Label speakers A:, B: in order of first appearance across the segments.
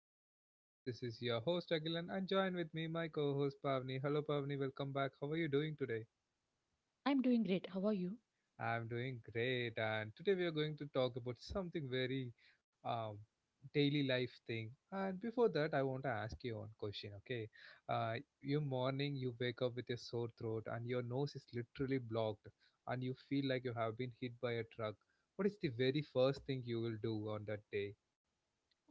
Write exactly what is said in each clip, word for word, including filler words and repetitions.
A: of my podcast. This is your host Agilan and join with me my co-host Pavni. Hello Pavni, welcome back. How are you doing today?
B: I'm doing great. How are you?
A: I'm doing great and today we are going to talk about something very um daily life thing. And before that I want to ask you one question, okay? Uh you morning you wake up with a sore throat and your nose is literally blocked and you feel like you have been hit by a truck. What is the very first thing you will do on that day?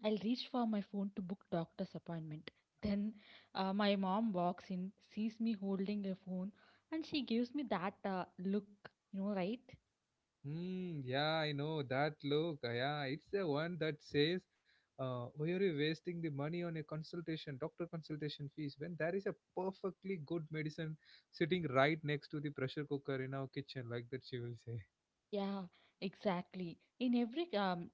B: I'll reach for my phone to book doctor's appointment. Then uh, my mom walks in, sees me holding a phone, and she gives me that uh, look, you know, right?
A: Hmm. Yeah, I know that look. uh, Yeah, it's the one that says, uh, "Why are you wasting the money on a consultation, doctor consultation fees, when there is a perfectly good medicine sitting right next to the pressure cooker in our kitchen?" Like that, she will say.
B: Yeah, exactly. In every um,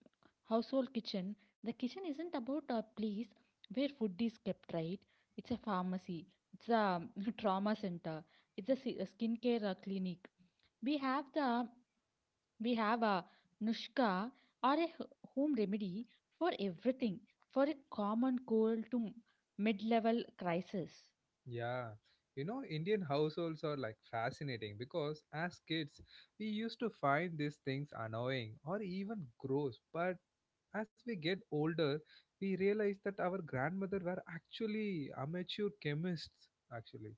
B: household kitchen, the kitchen isn't about a place where food is kept, right? It's a pharmacy, it's a um, trauma center, it's a, si- a skincare uh, clinic. We have the We have a nushka or a h- home remedy for everything, for a common cold to mid level crisis.
A: Yeah, you know, Indian households are like fascinating because as kids, we used to find these things annoying or even gross, but as we get older, we realize that our grandmother were actually amateur chemists. Actually,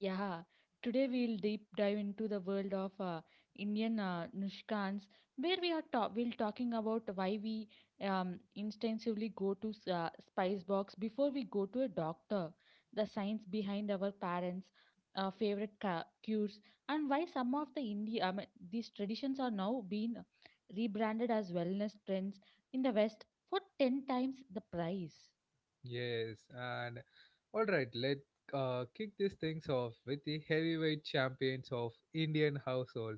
B: Yeah, today we'll deep dive into the world of uh, Indian uh, Nushkans, where we are ta- we'll talking about why we um, instinctively go to s- uh, spice box before we go to a doctor, the science behind our parents' uh, favorite ca- cures, and why some of the Indi- I mean, these traditions are now being rebranded as wellness trends in the West for ten times the price.
A: yes. And all right, let uh, kick these things off with the heavyweight champions of Indian household.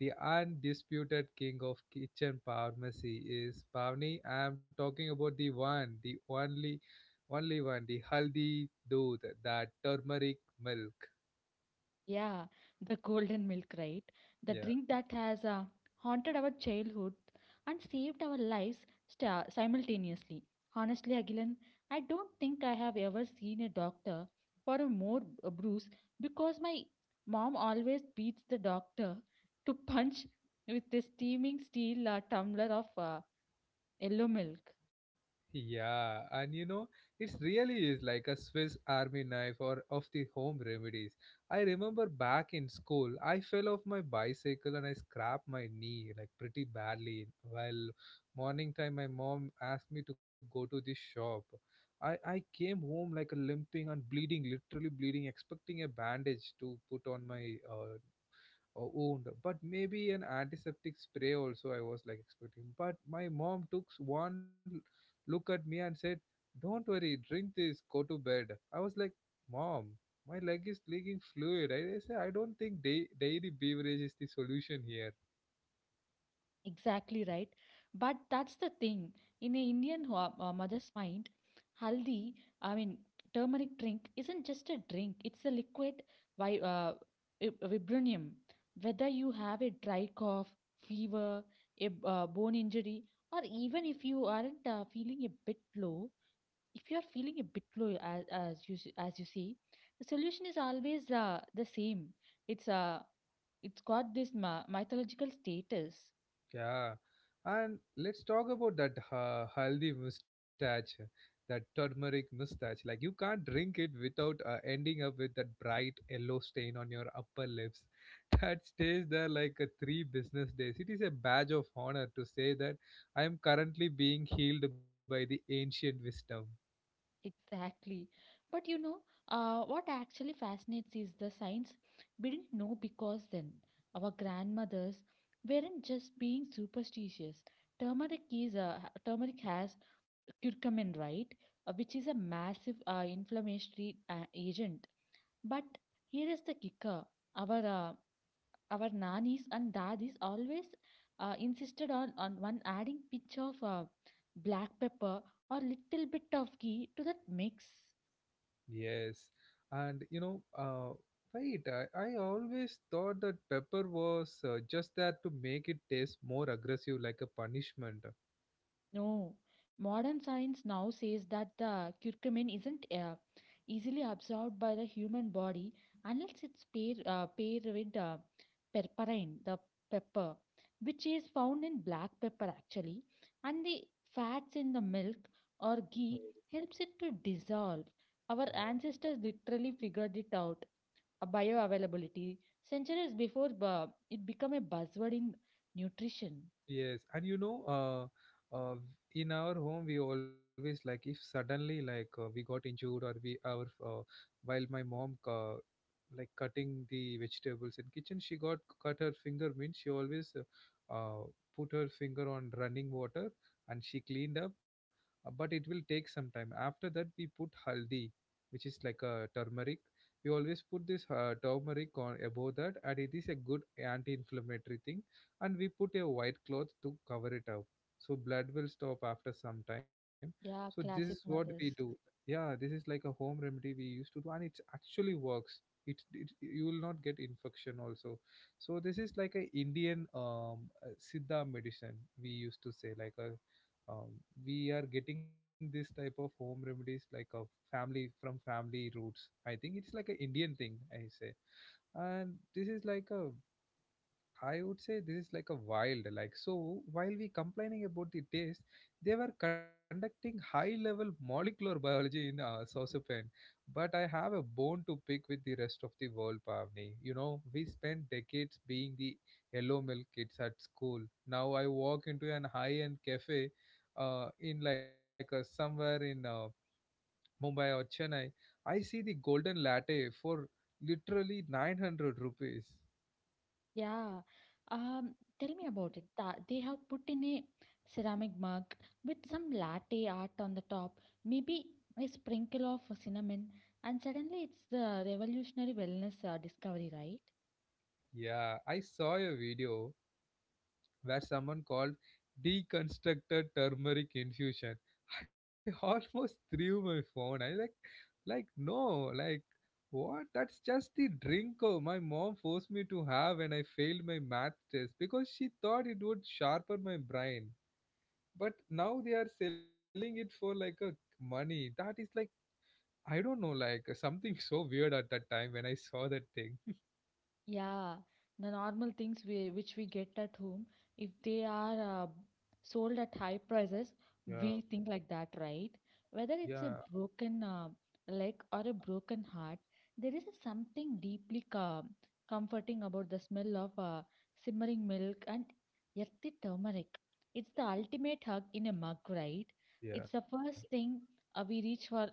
A: The undisputed king of kitchen pharmacy is Pavni. I am talking about the one, the only, only one, the haldi doodh, that turmeric milk.
B: Yeah, the golden milk, right? The
A: Yeah.
B: drink that has uh, haunted our childhood and saved our lives sta simultaneously. Honestly, Agilan, I don't think I have ever seen a doctor for a more b- a bruise because my mom always beats the doctor to punch with a steaming steel uh, tumbler of uh, yellow milk.
A: Yeah, and you know, it really is like a Swiss army knife or of the home remedies. I remember back in school, I fell off my bicycle and I scrapped my knee like pretty badly. Well, morning time my mom asked me to go to the shop. I I came home like a limping and bleeding, literally bleeding, expecting a bandage to put on my uh, or wound, but maybe an antiseptic spray also. I was like expecting, but my mom took one look at me and said, "Don't worry, drink this, go to bed." I was like, "Mom, my leg is leaking fluid." I, I say, "I don't think da- dairy beverage is the solution here."
B: Exactly right. But that's the thing. In a Indian ho- uh, mother's mind, haldi, I mean, turmeric drink isn't just a drink, it's a liquid vi- uh, vib- vibranium. Whether you have a dry cough, fever, a b- uh, bone injury, or even if you aren't uh, feeling a bit low, if you are feeling a bit low, as, as, you, s- as you see, the solution is always uh, the same. It's uh, it's got this ma- mythological status.
A: Yeah, and let's talk about that uh, haldi mustache, that turmeric mustache. Like you can't drink it without uh, ending up with that bright yellow stain on your upper lips. That stays there like a three business days. It is a badge of honor to say that I am currently being healed by the ancient wisdom.
B: Exactly. But you know, uh, what actually fascinates is the science we didn't know because then our grandmothers weren't just being superstitious. Turmeric is a, Turmeric has curcumin, right? Uh, which is a massive uh, inflammatory uh, agent. But here is the kicker. Our uh, our nannies and daddies always uh, insisted on, on one adding pinch of uh, black pepper or little bit of ghee to that mix.
A: Yes, and you know, uh, right? I, I always thought that pepper was uh, just there to make it taste more aggressive, like a punishment.
B: No, modern science now says that the curcumin isn't uh, easily absorbed by the human body unless it's paired uh, pair with uh, perperine, the pepper, which is found in black pepper actually, and the fats in the milk or
A: Oh,
B: ghee helps it to dissolve. Our
A: wow.
B: ancestors literally figured it out, uh, bioavailability, centuries before uh, it became a buzzword in nutrition.
A: Yes, and you know, uh, uh, in our home we always like if suddenly like uh, we got injured or we our uh, while my mom uh, like cutting the vegetables in kitchen, she got cut her finger. Means she always uh, uh, put her finger on running water and she cleaned up, uh, but it will take some time. After that, we put haldi, which is like a turmeric. We always put this uh, turmeric on above that, and it is a good anti-inflammatory thing and we put a white cloth to cover it up so blood will stop after some time. So this
B: Yeah,
A: is what
B: classic
A: we do.
B: mothers.
A: Yeah, this is like a home remedy we used to do and it actually works. It, it you will not get infection also. So this is like a Indian um uh, siddha medicine we used to say like a um, we are getting this type of home remedies like a family from family roots. I think it's like an Indian thing I say. And this is like a I would say this is like a wild, like so. While we complaining about the taste, they were conducting high-level molecular biology in uh, saucepan. But I have a bone to pick with the rest of the world, Pavni. You know, we spent decades being the yellow milk kids at school. Now I walk into an high-end cafe, uh, in like a somewhere in uh, Mumbai or Chennai. I see the golden latte for literally nine hundred rupees.
B: Yeah. Um, tell me about it. Tha- They have put in a ceramic mug with some latte art on the top, maybe a sprinkle of cinnamon, and suddenly it's the revolutionary wellness uh, discovery, right?
A: Yeah, I saw your video where someone called deconstructed turmeric infusion. I almost threw my phone. I like like no, like what? That's just the drink oh, my mom forced me to have when I failed my math test because she thought it would sharpen my brain. But now they are selling it for like a money. That is like I don't know, like something so weird at that time when I saw that thing.
B: Yeah, the normal things we, which we get at home, if they are uh, sold at high prices,
A: Yeah,
B: we think like that, right? Whether
A: yeah,
B: it's a broken uh, leg or a broken heart, there is a something deeply com comforting about the smell of uh, simmering milk and earthy turmeric. It's the ultimate hug in a mug, right?
A: yeah.
B: It's the first thing uh, we reach for.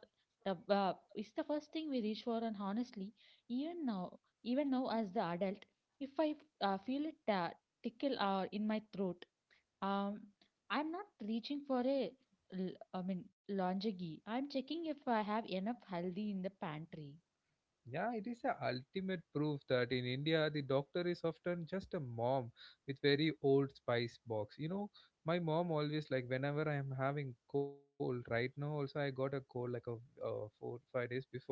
B: Uh, uh, it's the first thing we reach for, and honestly, even now even now, as the adult, if I uh, feel a ta- tickle uh, in my throat, um, I'm not reaching for a, l- I mean, lingerie. I'm checking if I have enough haldi in the pantry.
A: Yeah, it is the ultimate proof that in India, the doctor is often just a mom with very old spice box. You know, my mom always like whenever I am having cold. Right now, also I got a cold like a uh, four five days before.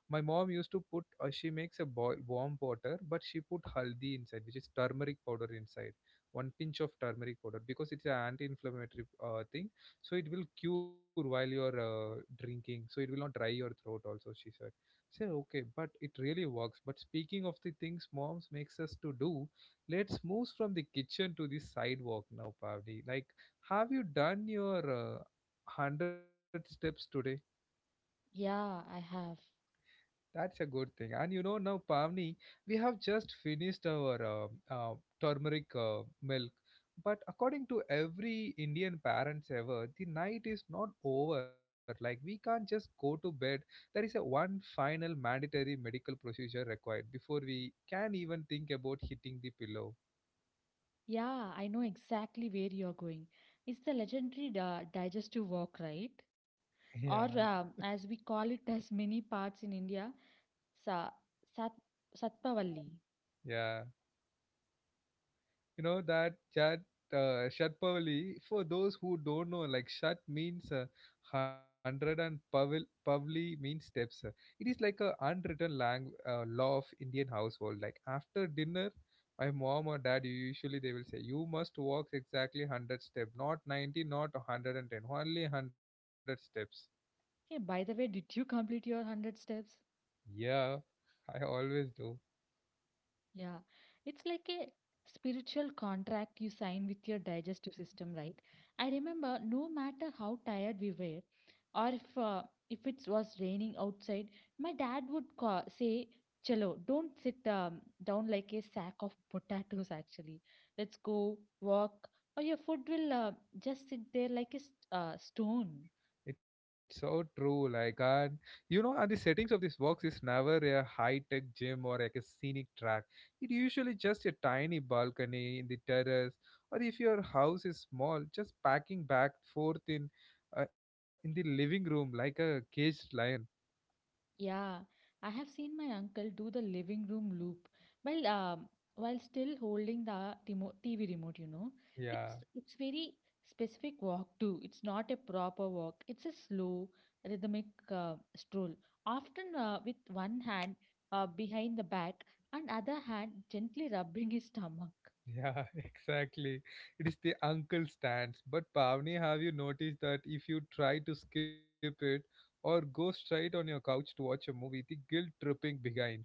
A: My mom used to put uh, she makes a boil, warm water, but she put haldi inside, which is turmeric powder inside. One pinch of turmeric powder because it's an anti-inflammatory uh, thing, so it will cure while you're uh, drinking, so it will not dry your throat. Also, she said say, okay, but it really works. But speaking of the things moms makes us to do, let's move from the kitchen to the sidewalk now, Pavdi. Like, have you done your uh, one hundred steps today?
B: Yeah, I have.
A: That's a good thing. And you know, now, Pavni, we have just finished our uh, uh, turmeric uh, milk. But according to every Indian parents ever, the night is not over. Like, we can't just go to bed. There is a one final mandatory medical procedure required before we can even think about hitting the pillow.
B: Yeah, I know exactly where you're going. It's the legendary di- digestive work, right?
A: Yeah.
B: Or um, as we call it as many parts in India, sa- sat- Satpavalli.
A: Yeah. You know that chat uh, Shat Pavli, for those who don't know, like Shat means uh, one hundred and Pavil, Pavli means steps. It is like a unwritten lang- uh, law of Indian household. Like after dinner, my mom or dad, usually they will say, you must walk exactly one hundred steps, not ninety, not one hundred ten, only one hundred steps.
B: Hey, by the way, did you complete your one hundred steps?
A: Yeah, I always do.
B: Yeah, it's like a spiritual contract you sign with your digestive system, right? I remember no matter how tired we were, or if uh, if it was raining outside, my dad would call, say, "Chalo, don't sit um, down like a sack of potatoes. Actually, let's go walk, or your food will uh, just sit there like a st- uh, stone."
A: It's so true. Like, and you know, and the settings of this box is never a high tech gym or like a scenic track. It usually just a tiny balcony in the terrace, or if your house is small, just packing back forth in uh, in the living room like a caged lion.
B: Yeah, I have seen my uncle do the living room loop while um, while still holding the timo- T V remote, you know. It's
A: Yeah,
B: it's very specific walk too. It's not a proper walk. It's a slow rhythmic uh, stroll, often uh, with one hand uh, behind the back and other hand gently rubbing his stomach.
A: yeah, exactly. It is the uncle stance. But Pavni, have you noticed that if you try to skip it or go straight on your couch to watch a movie, the guilt tripping begins.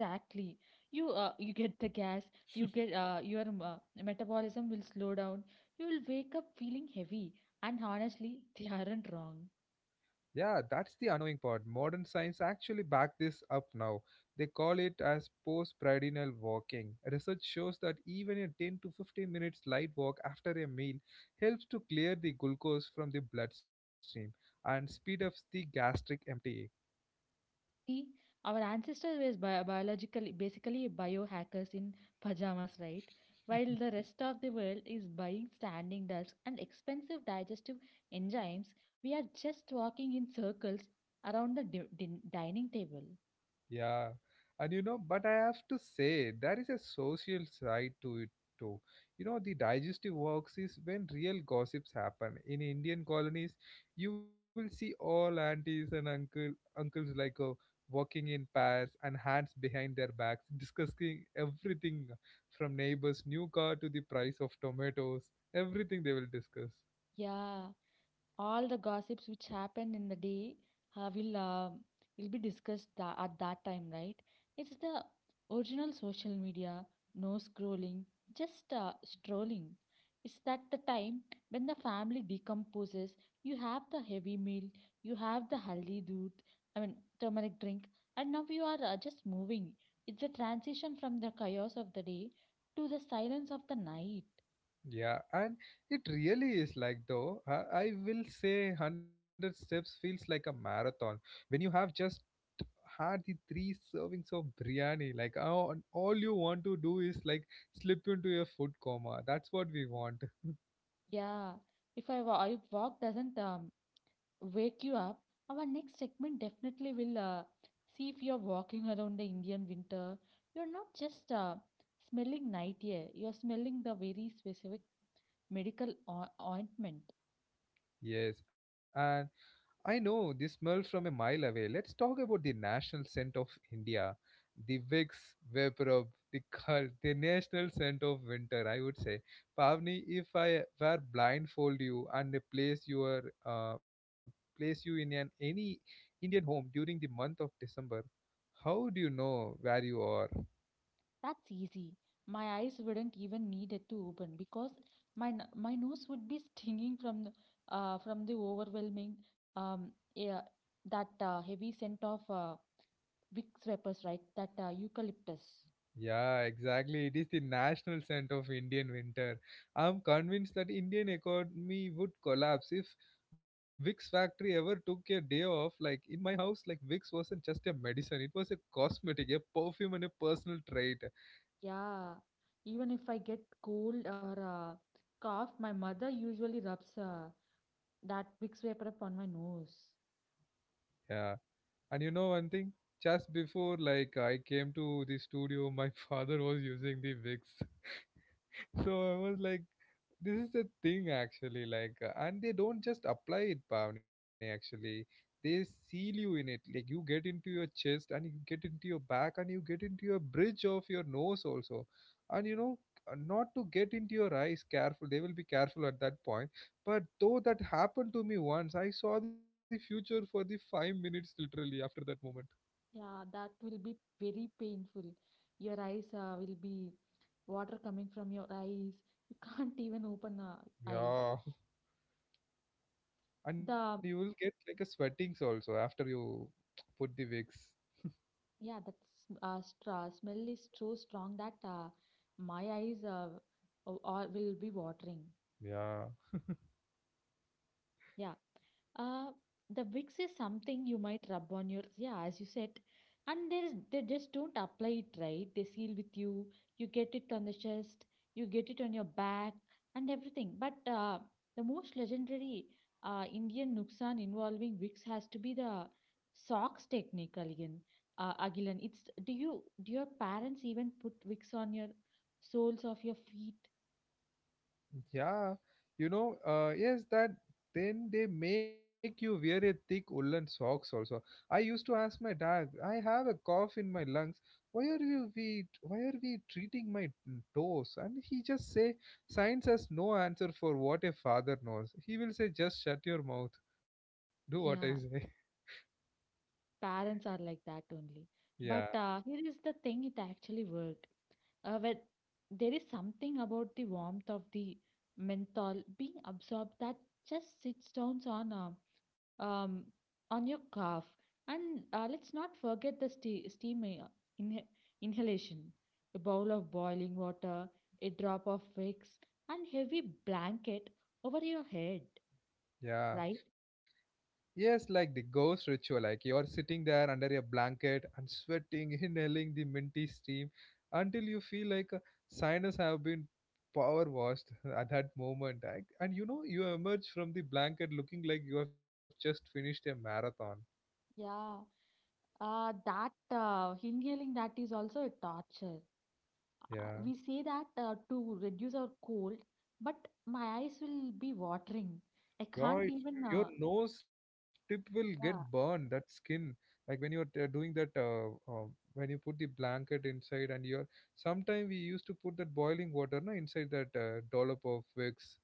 B: Exactly. You uh, you get the gas, you get uh, your uh, metabolism will slow down. You will wake up feeling heavy, and honestly, they aren't wrong.
A: Yeah, that's the annoying part. Modern science actually back this up now. They call it as postprandial walking. Research shows that even a ten to fifteen minutes light walk after a meal helps to clear the glucose from the bloodstream and speed up the gastric emptying.
B: See, our ancestors were bi- biologically basically biohackers in pajamas, right? While the rest of the world is buying standing desks and expensive digestive enzymes, we are just walking in circles around the di- din- dining table.
A: Yeah, and you know, but I have to say there is a social side to it too. You know, the digestive works is when real gossips happen. In Indian colonies, you will see all aunties and uncle uncles like uh, walking in pairs and hands behind their backs, discussing everything from neighbor's new car to the price of tomatoes. Everything they will discuss.
B: Yeah. All the gossips which happened in the day uh, will uh, will be discussed tha- at that time, right? It's the original social media, no scrolling, just uh, strolling. It's that the time when the family decomposes. You have the heavy meal, you have the haldi doodh, I mean, turmeric drink, and now you are uh, just moving. It's the transition from the chaos of the day to the silence of the night.
A: Yeah, and it really is like though, I, I will say one hundred steps feels like a marathon when you have just had the three servings of biryani. Like, oh, and all you want to do is like slip into a food coma. That's what we want.
B: Yeah, if I wa- if walk doesn't um, wake you up. Our next segment definitely will uh, see if you're walking around the Indian winter. You're not just uh, smelling night air, you're smelling the very specific medical o- ointment.
A: Yes, and I know the smell from a mile away. Let's talk about the national scent of India, the Vicks Vaporub, the cult, the national scent of winter. I would say, Pavni, if I were blindfold you and place your uh, place you in an any Indian home during the month of December, how do you know where you are?
B: That's easy. My eyes wouldn't even need it to open because my n- my nose would be stinging from the, uh, from the overwhelming um air, that uh, heavy scent of uh, Vicks vapors, right? That uh, eucalyptus.
A: Yeah, exactly. It is the national scent of Indian winter. I'm convinced that Indian economy would collapse if Vicks factory ever took a day off. Like in my house, like Vicks wasn't just a medicine; it was a cosmetic, a perfume, and a personal trait.
B: Yeah, even if I get cold or uh, cough, my mother usually rubs uh, that Vicks Vaporub on my nose.
A: Yeah, and you know one thing. Just before like I came to the studio, my father was using the Vicks, so I was like this is the thing, actually. Like, uh, and they don't just apply it, Pavni. Actually, they seal you in it. Like, you get into your chest, and you get into your back, and you get into your bridge of your nose also. And you know, uh, not to get into your eyes. Careful. They will be careful at that point. But though that happened to me once, I saw the future for the five minutes literally after that moment.
B: Yeah, that will be very painful. Your eyes uh, will be water coming from your eyes. You can't even open uh, eyes.
A: Yeah, and
B: The
A: you will get like a sweatings also after you put the wigs.
B: yeah, that s- uh, stra smell is so strong that uh, my eyes uh, uh, will be watering.
A: Yeah.
B: Yeah. Uh, the Vicks is something you might rub on your, yeah, as you said. And there is, they just don't apply it right. They seal with you. You get it on the chest. You get it on your back and everything. But uh, the most legendary uh, Indian nuksan involving Vicks has to be the socks technique, Aligan. Uh, Agilan, it's do you do your parents even put Vicks on your soles of your feet?
A: Yeah, you know, uh, yes, that then they make you wear a thick woolen socks also. I used to ask my dad, "I have a cough in my lungs. Why are you we why are we treating my toes?" And he just say, "Science has no answer for what a father knows." He will say, "Just shut your mouth, do what I say."
B: Yeah, parents are like that only. But
A: Yeah,
B: uh, here is the thing, it actually worked. Uh, when there is something about the warmth of the menthol being absorbed that just sits down on uh, um, on your cough. And uh, let's not forget the ste- steam uh, inha- inhalation, a bowl of boiling water, a drop of wax, and heavy blanket over your head, right?
A: yeah. Yes, like the ghost ritual, like you're sitting there under a blanket and sweating, inhaling the minty steam until you feel like a sinus have been power washed at that moment. I, and you know, You emerge from the blanket looking like you have just finished a marathon.
B: Yeah, uh, that uh, inhaling that is also a torture. Uh,
A: Yeah.
B: we say that uh, to reduce our cold, but my eyes will be watering. I
A: Yeah,
B: can't
A: it's
B: even,
A: your
B: uh,
A: nose tip will get burned,
B: Yeah,
A: that skin. Like when you're uh, doing that, uh, uh, when you put the blanket inside and you're, sometime we used to put that boiling water na, inside that uh, dollop of Vicks.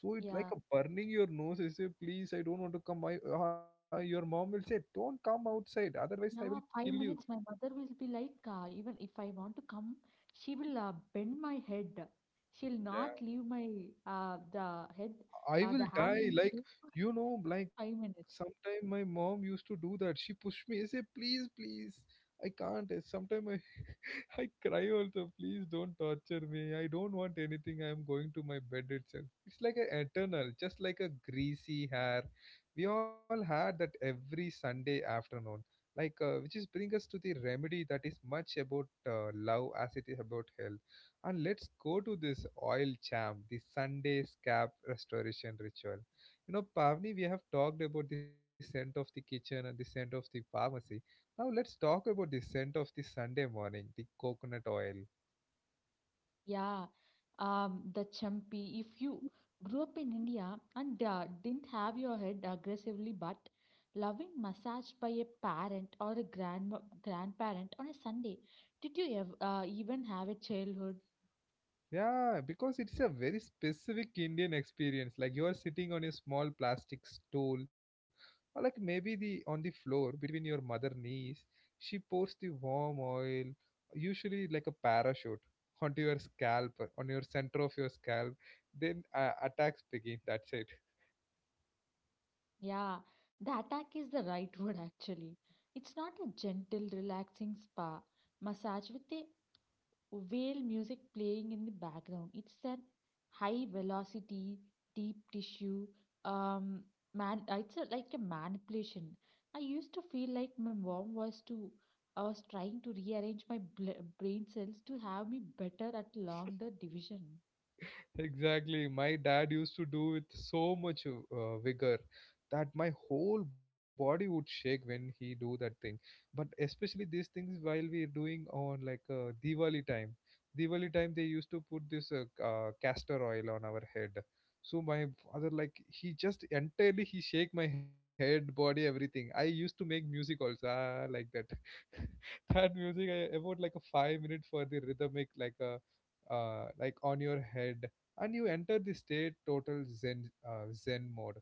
A: So it's like
B: yeah,
A: a burning your nose. I say, "Please, I don't want to come." I, uh, your mom will say, "Don't come outside. Otherwise, I will
B: yeah,
A: kill
B: five
A: you.
B: minutes. My mother will be like, uh, even if I want to come, she will uh, bend my head. She'll not leave my uh, the head,
A: I
B: uh,
A: will
B: the hand
A: die."
B: will be
A: Like,
B: there for
A: you know, like
B: five minutes.
A: sometime my mom used to do that. She pushed me. I say, "Please, please. I can't." Sometimes I, I cry also. "Please don't torture me. I don't want anything. I am going to my bed itself." It's like a eternal, just like a greasy hair. We all had that every Sunday afternoon. Like, uh, which is bring us to the remedy that is much about uh, love as it is about health, and let's go to this oil champ, the Sunday scalp restoration ritual. You know, Pavni, we have talked about the scent of the kitchen and the scent of the pharmacy. Now let's talk about the scent of the Sunday morning, the coconut oil.
B: Yeah, um, the champi. If you grew up in India and uh, didn't have your head aggressively, but loving massage by a parent or a grandma, grandparent on a Sunday, did you ev uh, even have a childhood?
A: Yeah, because it's a very specific Indian experience. Like you are sitting on a small plastic stool, or like maybe the on the floor between your mother knees. She pours the warm oil, usually like a parachute, onto your scalp, on your center of your scalp. Then uh, attacks begin. That's it.
B: Yeah, the attack is the right word actually. It's not a gentle, relaxing spa massage with a whale music playing in the background. It's a high velocity, deep tissue. Um, man, uh, it's a, like a manipulation. I used to feel like my mom was to I was trying to rearrange my bl- brain cells to have me better at longer division.
A: Exactly. My dad used to do with so much uh, vigor that my whole body would shake when he do that thing. But especially these things while we're doing on like uh, Diwali time. Diwali time they used to put this uh, uh, castor oil on our head. So my father like he just entirely he shake my head, body, everything. I used to make music also ah, like that. That music I about like a five minute for the rhythmic like a uh, like on your head, and you enter the state total zen uh, zen mode,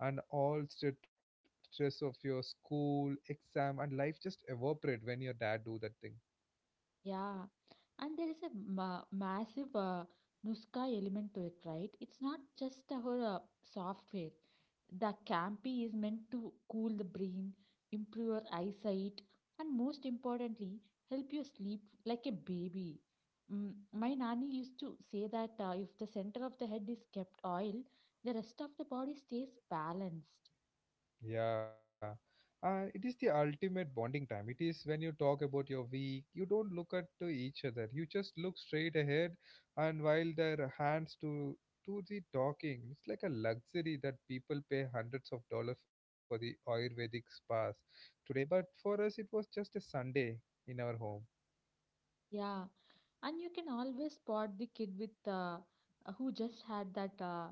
A: and all st- stress of your school exam and life just evaporate when your dad do that thing.
B: Yeah, and there is a ma massive uh, Nuska element to it, right? It's not just our uh, software. The Campy is meant to cool the brain, improve your eyesight, and most importantly, help you sleep like a baby. Mm, my nanny used to say that uh, if the center of the head is kept oil, the rest of the body stays balanced.
A: Yeah, uh, it is the ultimate bonding time. It is when you talk about your week, you don't look at to each other. You just look straight ahead, and while their hands to to the talking, it's like a luxury that people pay hundreds of dollars for the Ayurvedic spas today. But for us, it was just a Sunday in our home.
B: Yeah, and you can always spot the kid with uh, who just had that. Uh,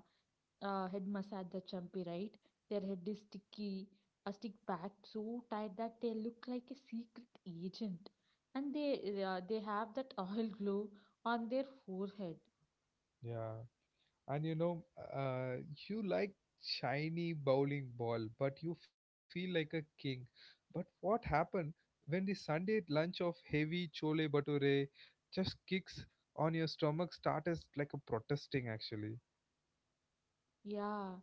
B: uh, Head massage, the champi, right? Their head is sticky, a stick packed so tight that they look like a secret agent, and they uh, they have that oil glow on their forehead.
A: Yeah. And you know, uh, you like shiny bowling ball, but you feel like a king. But what happened when the Sunday lunch of heavy chole bhature just kicks on your stomach starts like a protesting actually?
B: Yeah.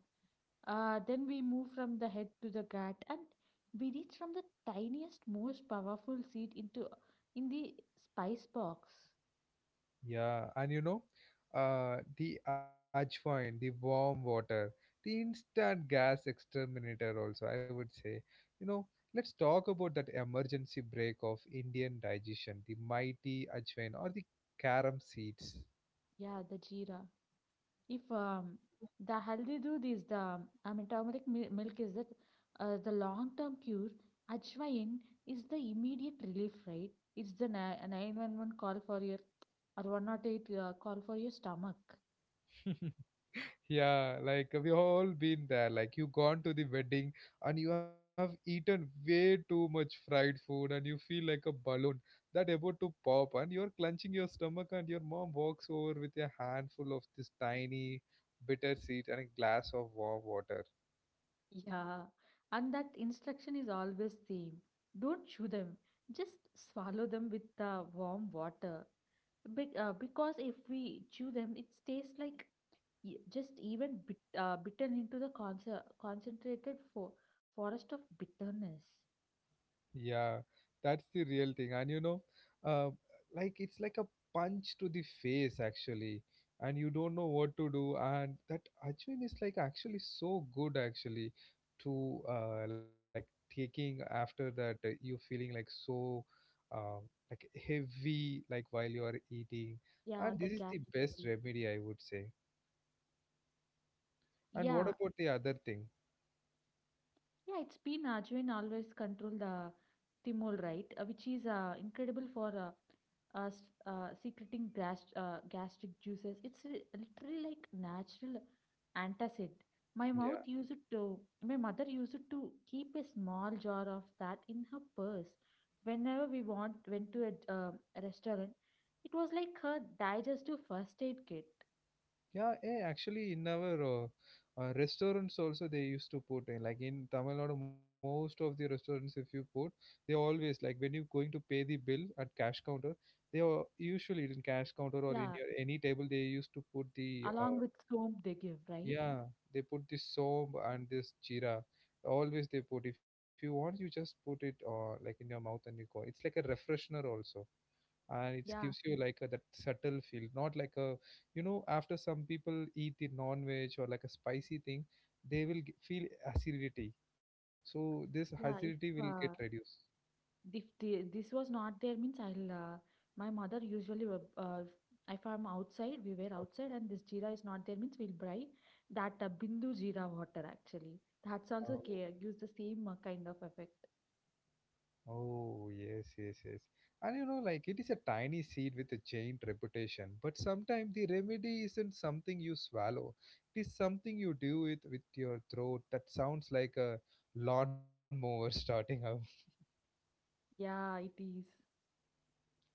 B: Uh, then we move from the head to the gut, and we reach from the tiniest, most powerful seed into in the spice box.
A: Yeah, and you know, uh, the Ajwain, the warm water, the instant gas exterminator, also, I would say. You know, let's talk about that emergency break of Indian digestion, the mighty Ajwain or the carom seeds.
B: Yeah, the jeera. If um, the healthy doodh is the, I mean, turmeric mil- milk is that uh, the long-term cure, Ajwain is the immediate relief, right? It's the ni- nine one one call for your or one oh eight uh, call for your stomach.
A: Yeah, like we all been there. Like you gone to the wedding and you have eaten way too much fried food and you feel like a balloon that about to pop, and you're clenching your stomach and your mom walks over with a handful of this tiny bitter seed and a glass of warm water.
B: Yeah, and that instruction is always same. Don't chew them. Just swallow them with the warm water. Be- uh, because if we chew them, it tastes like e- just even bit, uh, bitten into the conce- concentrated fo- forest of bitterness.
A: Yeah, that's the real thing. And you know, uh, like it's like a punch to the face actually, and you don't know what to do. And that Ajwin is like actually so good actually to uh, like taking after that uh, you feeling like so um, like heavy like while you are eating.
B: Yeah,
A: And
B: the
A: this is
B: gas
A: the best
B: trouble.
A: remedy I would say. And what
B: Yeah,
A: about the other thing?
B: yeah, it's been Ajwain always control the thymol, right? Uh, which is uh, incredible for uh, uh, s- uh, secreting gas- uh, gastric juices. It's li- literally like natural antacid. My mouth
A: Yeah.
B: used it to, my mother used it to keep a small jar of that in her purse. Whenever we want went to a d- um restaurant, it was like her digestive first aid kit.
A: Yeah, eh, actually, in our uh, uh, restaurants also they used to put in like in Tamil Nadu, most of the restaurants if you put, they always like when you're going to pay the bill at cash counter, they are usually in cash counter or in
B: Yeah,
A: your any table they used to put the
B: along
A: uh,
B: with soap they give, right?
A: yeah they put this soap and this jeera. Always they put. If you want, you just put it uh, like in your mouth and you go. It's like a refreshener also, and it
B: Yeah,
A: gives you like a, that subtle feel not like a, you know, after some people eat the non-veg or like a spicy thing, they will g- feel acidity, so this acidity
B: yeah.
A: will
B: If
A: get
B: uh,
A: reduced.
B: if the, this was not there, means I'll. Uh, my mother usually will, uh, if I'm outside, we were
A: Okay.
B: outside, and this jeera is not there, means we'll buy that uh, Bindu jeera water actually. That's also ca- gives the same uh, kind of effect.
A: Oh, oh yes yes yes, and you know like it is a tiny seed with a giant reputation, but sometimes the remedy isn't something you swallow, it is something you do with with your throat that sounds like a lawnmower starting up.
B: Yeah, it is.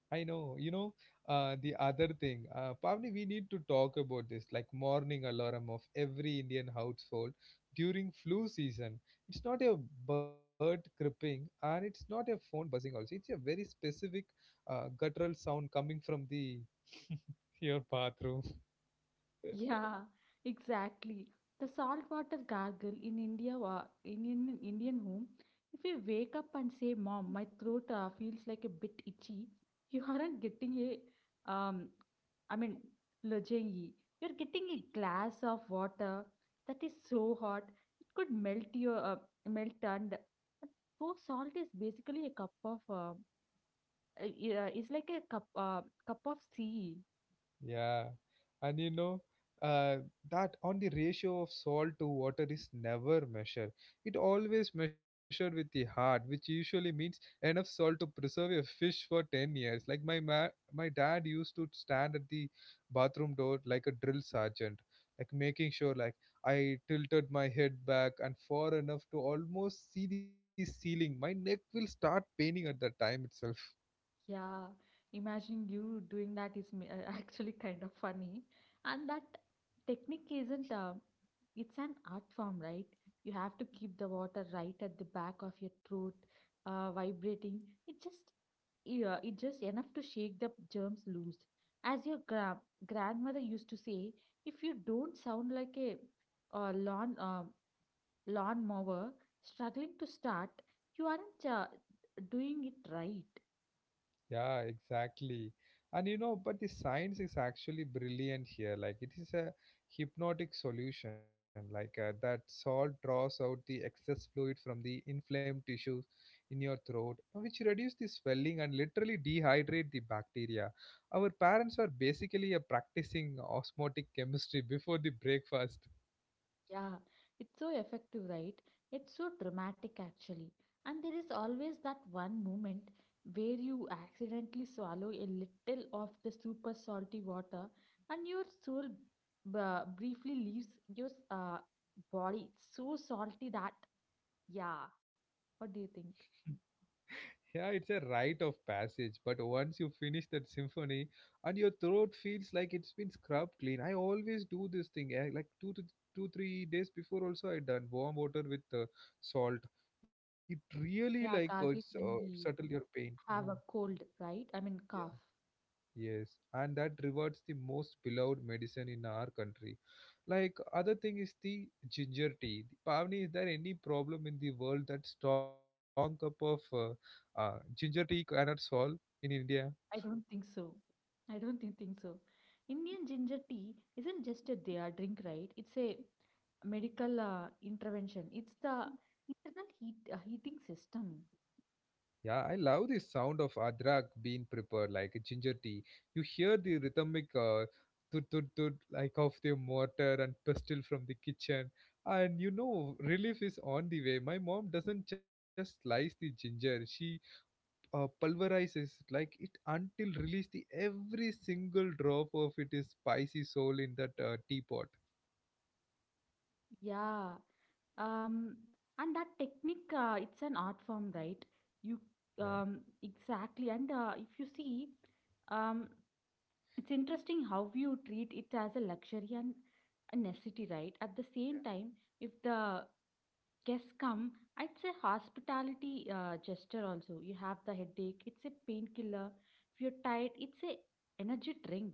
A: I know, you know, uh, the other thing, uh, Pavni, we need to talk about this like morning alarm of every Indian household during flu season. It's not a bird creeping and it's not a phone buzzing also. It's a very specific uh, guttural sound coming from the your bathroom.
B: Yeah, exactly. The saltwater gargle in India, wa- in an Indian home, if you wake up and say, "Mom, my throat uh, feels like a bit itchy," you aren't getting a, um, I mean, lajengi. You're getting a glass of water that is so hot it could melt your uh, melt and so salt is basically a cup of uh, uh, yeah, it's like a cup uh, cup of sea.
A: Yeah, and you know uh, that on the ratio of salt to water is never measured. It always measured with the heart, which usually means enough salt to preserve a fish for ten years. Like my ma- my dad used to stand at the bathroom door like a drill sergeant, like making sure like I tilted my head back and far enough to almost see the ceiling. My neck will start paining at that time itself.
B: Yeah, imagining you doing that is ma- uh, actually kind of funny. And that technique isn't uh, it's an art form, right? You have to keep the water right at the back of your throat, uh, vibrating. It just Yeah, it just enough to shake the germs loose. As your gra- grandmother used to say, if you don't sound like a uh, lawn uh, lawn mower struggling to start, you aren't uh, doing it right.
A: Yeah, exactly. And you know, but the science is actually brilliant here. Like it is a hypnotic solution. Like uh, that salt draws out the excess fluid from the inflamed tissues in your throat, which reduce the swelling and literally dehydrate the bacteria. Our parents were basically a practicing osmotic chemistry before the breakfast.
B: Yeah, it's so effective, right? It's so dramatic, actually. And there is always that one moment where you accidentally swallow a little of the super salty water and your soul b- briefly leaves your uh, body. It's so salty that, yeah. What do you think?
A: Yeah, it's a rite of passage, but once you finish that symphony and your throat feels like it's been scrubbed clean. I always do this thing, eh, like two to two, three days before also I done warm water with uh, salt. It really like uh,
B: Yeah,
A: it's uh,
B: gargling when
A: settle your
B: we
A: pain. Yeah.
B: have a cold, right? I mean, cough.
A: Yes, and that rewards the most beloved medicine in our country. Like other thing is the ginger tea. The Pavni, is there any problem in the world that strong cup of uh, uh, ginger tea cannot solve in India?
B: I don't think so. I don't thi- think so. Indian ginger tea isn't just a their drink, right? It's a medical uh, intervention. It's the internal heat uh, heating system.
A: Yeah, I love the sound of adrak being prepared like a ginger tea. You hear the rhythmic uh, tut tut tut like of the mortar and pestle from the kitchen. And you know, relief is on the way. My mom doesn't just slice the ginger; she uh, pulverizes like it until release the every single drop of it is spicy soul in that uh, teapot.
B: Yeah. Um. And that technique, uh, it's an art form, right? You
A: Yeah.
B: um Exactly. And uh, if you see, um, it's interesting how you treat it as a luxury and a necessity, right? At the same time, if the guests come, it's a hospitality uh, gesture also. You have the headache, it's a painkiller. If you're tired, it's a energy drink.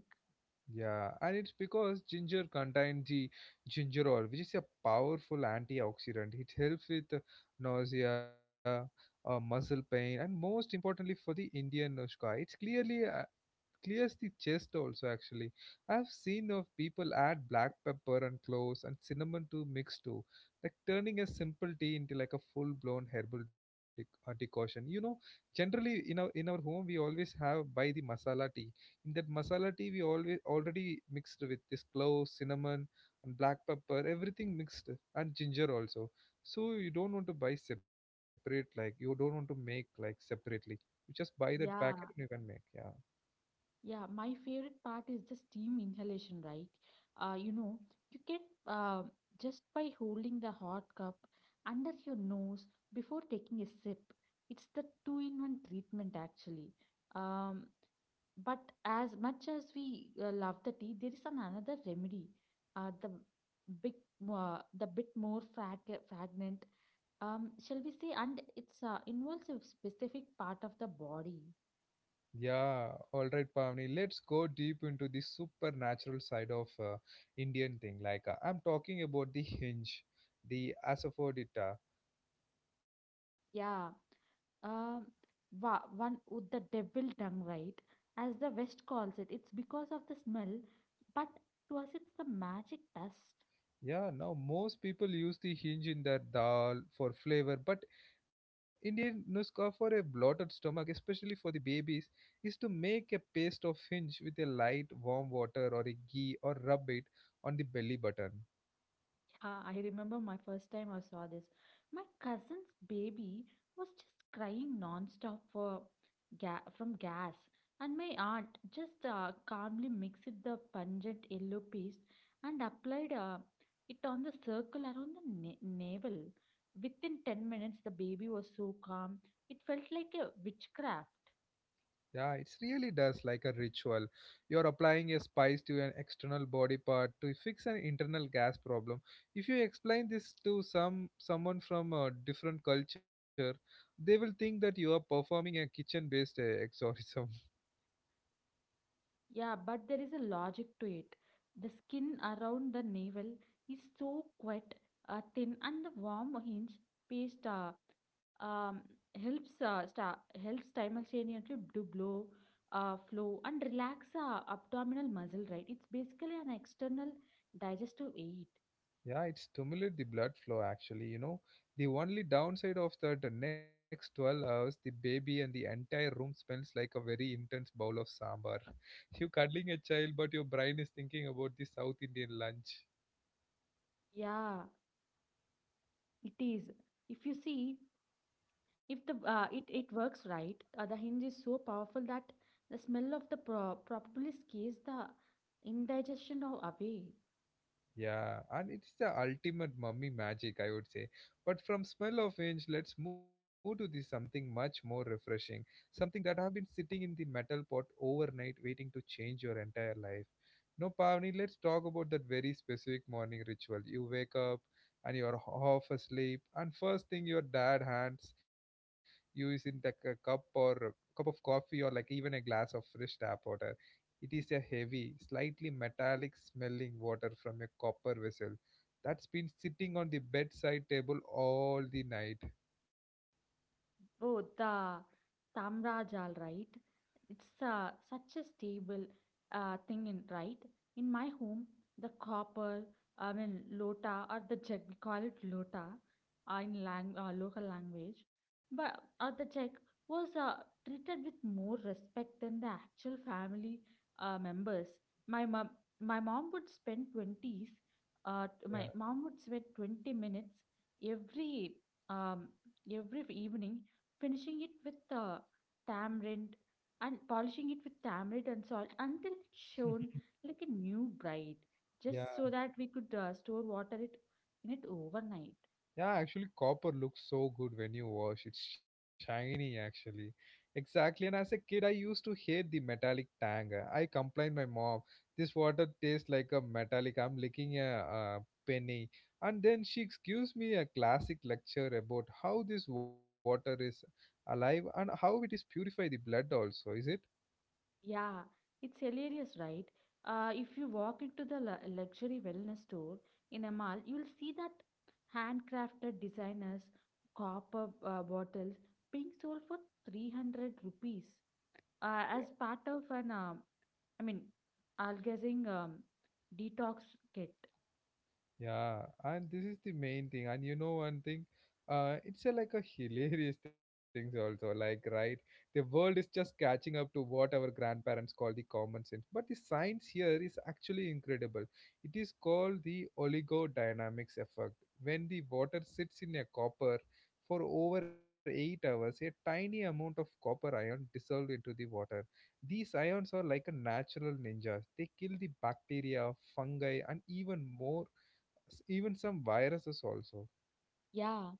A: Yeah, and it's because ginger contains the gingerol, which is a powerful antioxidant. It helps with uh, nausea, uh, muscle pain, and most importantly for the Indian Nushka, it's clearly uh, clears the chest also actually. I've seen of people add black pepper and cloves and cinnamon to mix too, like turning a simple tea into like a full blown herbal dec- uh, decoction, you know. Generally in our in our home we always have buy the masala tea, in that masala tea we always already mixed with this cloves cinnamon and black pepper everything mixed, and ginger also. So you don't want to buy separate, like you don't want to make like separately, you just buy that packet
B: Yeah,
A: and you can make. Yeah.
B: yeah. My favorite part is the steam inhalation, right? Uh, you know, you get uh, just by holding the hot cup under your nose before taking a sip. It's the two-in-one treatment actually. Um, But as much as we uh, love the tea, there is an another remedy. Uh, the big, uh, the bit more frag- fragrant, um, shall we say, and it's uh, involves a specific part of the body.
A: Yeah, all right, Pavni. Let's go deep into the supernatural side of uh, Indian thing. Like uh, I'm talking about the hinge, the asafoetida.
B: Yeah, um, wa- one with the devil tongue, right? As the West calls it, it's because of the smell, but to us, it's the magic dust.
A: Yeah, now most people use the hinge in their dal for flavor, but Indian nuska for a bloated stomach, especially for the babies, is to make a paste of hinge with a light warm water or a ghee or rub it on the belly button.
B: Ah, I remember my first time I saw this. My cousin's baby was just crying nonstop for ga from gas, and my aunt just uh, calmly mixed the pungent yellow paste and applied uh, it on the circle around the na navel. Within ten minutes, the baby was so calm. It felt like a witchcraft.
A: Yeah, it really does like a ritual. You're applying a spice to an external body part to fix an internal gas problem. If you explain this to some someone from a different culture, they will think that you are performing a kitchen-based uh, exorcism.
B: Yeah, but there is a logic to it. The skin around the navel is so wet, uh, thin, and the warm hinge paste uh, um, helps uh, sta- helps simultaneously to blow, uh, flow, and relax uh, abdominal muscle. Right, it's basically an external digestive aid.
A: Yeah, it stimulates the blood flow actually, you know. The only downside of that, the next twelve hours, the baby and the entire room smells like a very intense bowl of sambar. You're cuddling a child, but your brain is thinking about the South Indian lunch.
B: Yeah, it is. If you see, If the uh, it it works right, uh, the hinge is so powerful that the smell of the pro- propolis scares the indigestion of away.
A: Yeah, and it's the ultimate mummy magic, I would say. But from smell of inch, let's move to the something much more refreshing, something that have been sitting in the metal pot overnight, waiting to change your entire life. No, Pavni, let's talk about that very specific morning ritual. You wake up and you're h- half asleep, and first thing your dad hands you is in the c- cup or a cup of coffee or like even a glass of fresh tap water. It is a heavy, slightly metallic smelling water from a copper vessel that's been sitting on the bedside table all the night.
B: Oh, the Tamra Jal, right? It's uh, such a stable uh, thing, in, right? In my home, the copper, I mean, lota, or the jug, we call it lota uh, in lang- uh, local language, but or the jug was uh, treated with more respect than the actual family uh, members. My mom, my mom would spend twenty s, uh,
A: Yeah.
B: my mom would spend twenty minutes every um, every evening finishing it with uh, tamarind and polishing it with tamarind and salt until it shone like a new bride, just so that we could uh, store water it in it overnight.
A: Yeah, actually, copper looks so good when you wash. It's shiny, actually. Exactly. And as a kid, I used to hate the metallic tang. I complained my mom, this water tastes like a metallic. I'm licking a, uh penny. And then she gives me a classic lecture about how this water is alive and how it is purify the blood also, is it?
B: Yeah, it's hilarious, right? Uh, if you walk into the lu- luxury wellness store in a mall, you'll see that handcrafted designers, copper uh, bottles being sold for three hundred rupees uh, as part of an uh, I mean, I'll Algazing um, detox kit.
A: Yeah, and this is the main thing. And you know one thing, uh, it's a, like a hilarious things also. Like, right, the world is just catching up to what our grandparents call the common sense. But the science here is actually incredible. It is called the oligodynamics effect. When the water sits in a copper for over eight hours, a tiny amount of copper ion dissolved into the water. These ions are like a natural ninjas. They kill the bacteria, fungi, and even more s- even some viruses also.
B: Yeah,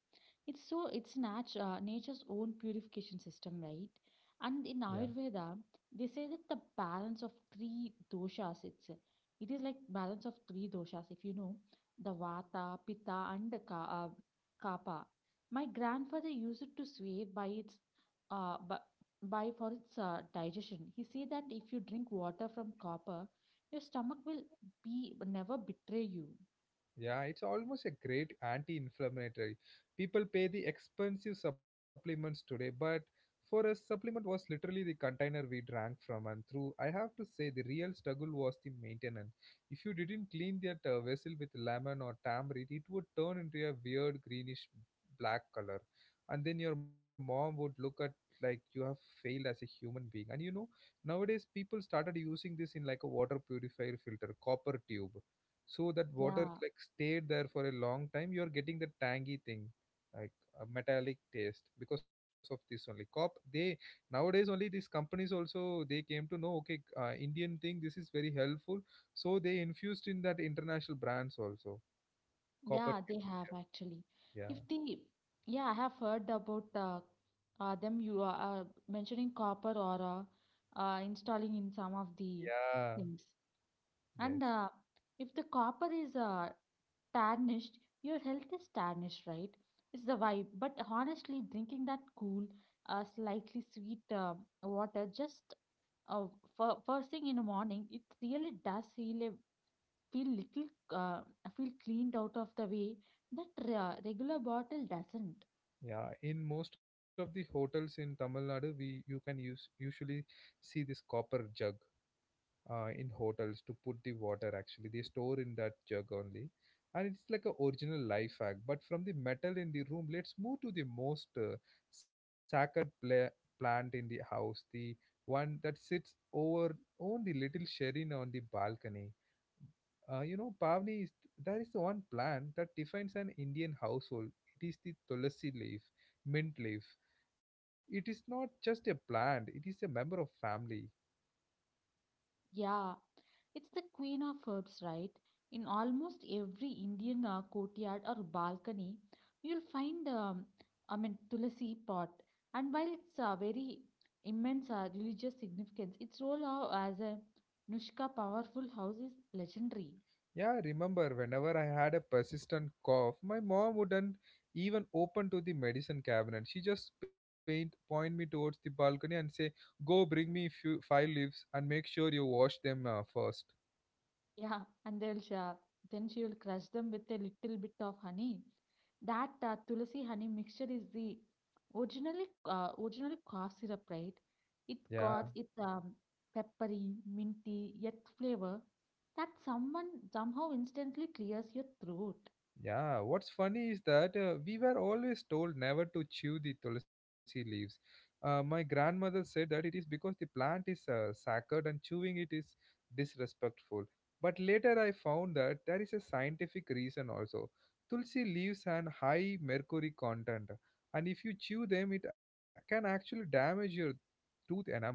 B: it's so it's natu- uh, nature's own purification system, right? And in
A: Yeah.
B: Ayurveda, they say that the balance of three doshas, it's it is like balance of three doshas, if you know, the Vata, Pitta, and the ka, uh, Kapha. My grandfather used it to swear by its uh by, by for its uh, digestion. He said that if you drink water from copper, your stomach will be never betray you.
A: Yeah, it's almost a great anti-inflammatory. People pay the expensive supplements today, but for us, supplement was literally the container we drank from and through. I have to say, the real struggle was the maintenance. If you didn't clean that uh, vessel with lemon or tamarind, it would turn into a weird greenish black color, and then your mom would look at like you have failed as a human being. And you know, nowadays people started using this in like a water purifier filter, copper tube so that water
B: Yeah.
A: like stayed there for a long time you're getting the tangy thing like a metallic taste because of this only cop they nowadays only these companies also they came to know okay uh, indian thing this is very helpful so they infused in that international brands also copper
B: Yeah, they
A: tubes
B: have actually.
A: yeah,
B: If
A: yeah,
B: the Yeah, I have heard about uh, uh, them. You are uh, mentioning copper or uh, uh, installing in some of the
A: yeah.
B: things.
A: Yes.
B: And uh, if the copper is uh, tarnished, your health is tarnished, right? It's the vibe. But honestly, drinking that cool, uh, slightly sweet uh, water just uh, for first thing in the morning, it really does heal a feel little uh, feel cleaned out of the way that uh, regular bottle doesn't.
A: Yeah, in most of the hotels in Tamil Nadu we you can use usually see this copper jug uh, in hotels to put the water actually they store in that jug only. And it's like a original life hack. But from the metal in the room let's move to the most uh, sacred pla- plant in the house, the one that sits over on the little shrine on the balcony. Uh, you know Pavni, is that is the one plant that defines an Indian household. It is the tulsi leaf, mint leaf. It is not just a plant, it is a member of family.
B: Yeah, it's the queen of herbs, right? In almost every Indian uh, courtyard or balcony, you'll find um, I mean tulsi pot. And while it's a very immense uh, religious significance, its role uh, as a Nushka powerful house is legendary.
A: Yeah, I remember whenever I had a persistent cough, my mom wouldn't even open to the medicine cabinet. She just paint, point me towards the balcony and say, "Go bring me few five leaves and make sure you wash them uh, first."
B: Yeah, and they'll sh- then she will crush them with a little bit of honey. That uh, tulsi honey mixture is the originally uh, originally cough syrup, right? It
A: Yeah.
B: got its um, peppery, minty, yet flavor that someone somehow instantly clears your throat.
A: Yeah, what's funny is that uh, we were always told never to chew the tulsi leaves. Uh, my grandmother said that it is because the plant is uh, sacred and chewing it is disrespectful. But later I found that there is a scientific reason also. Tulsi leaves have high mercury content, and if you chew them, it can actually damage your tooth enamel.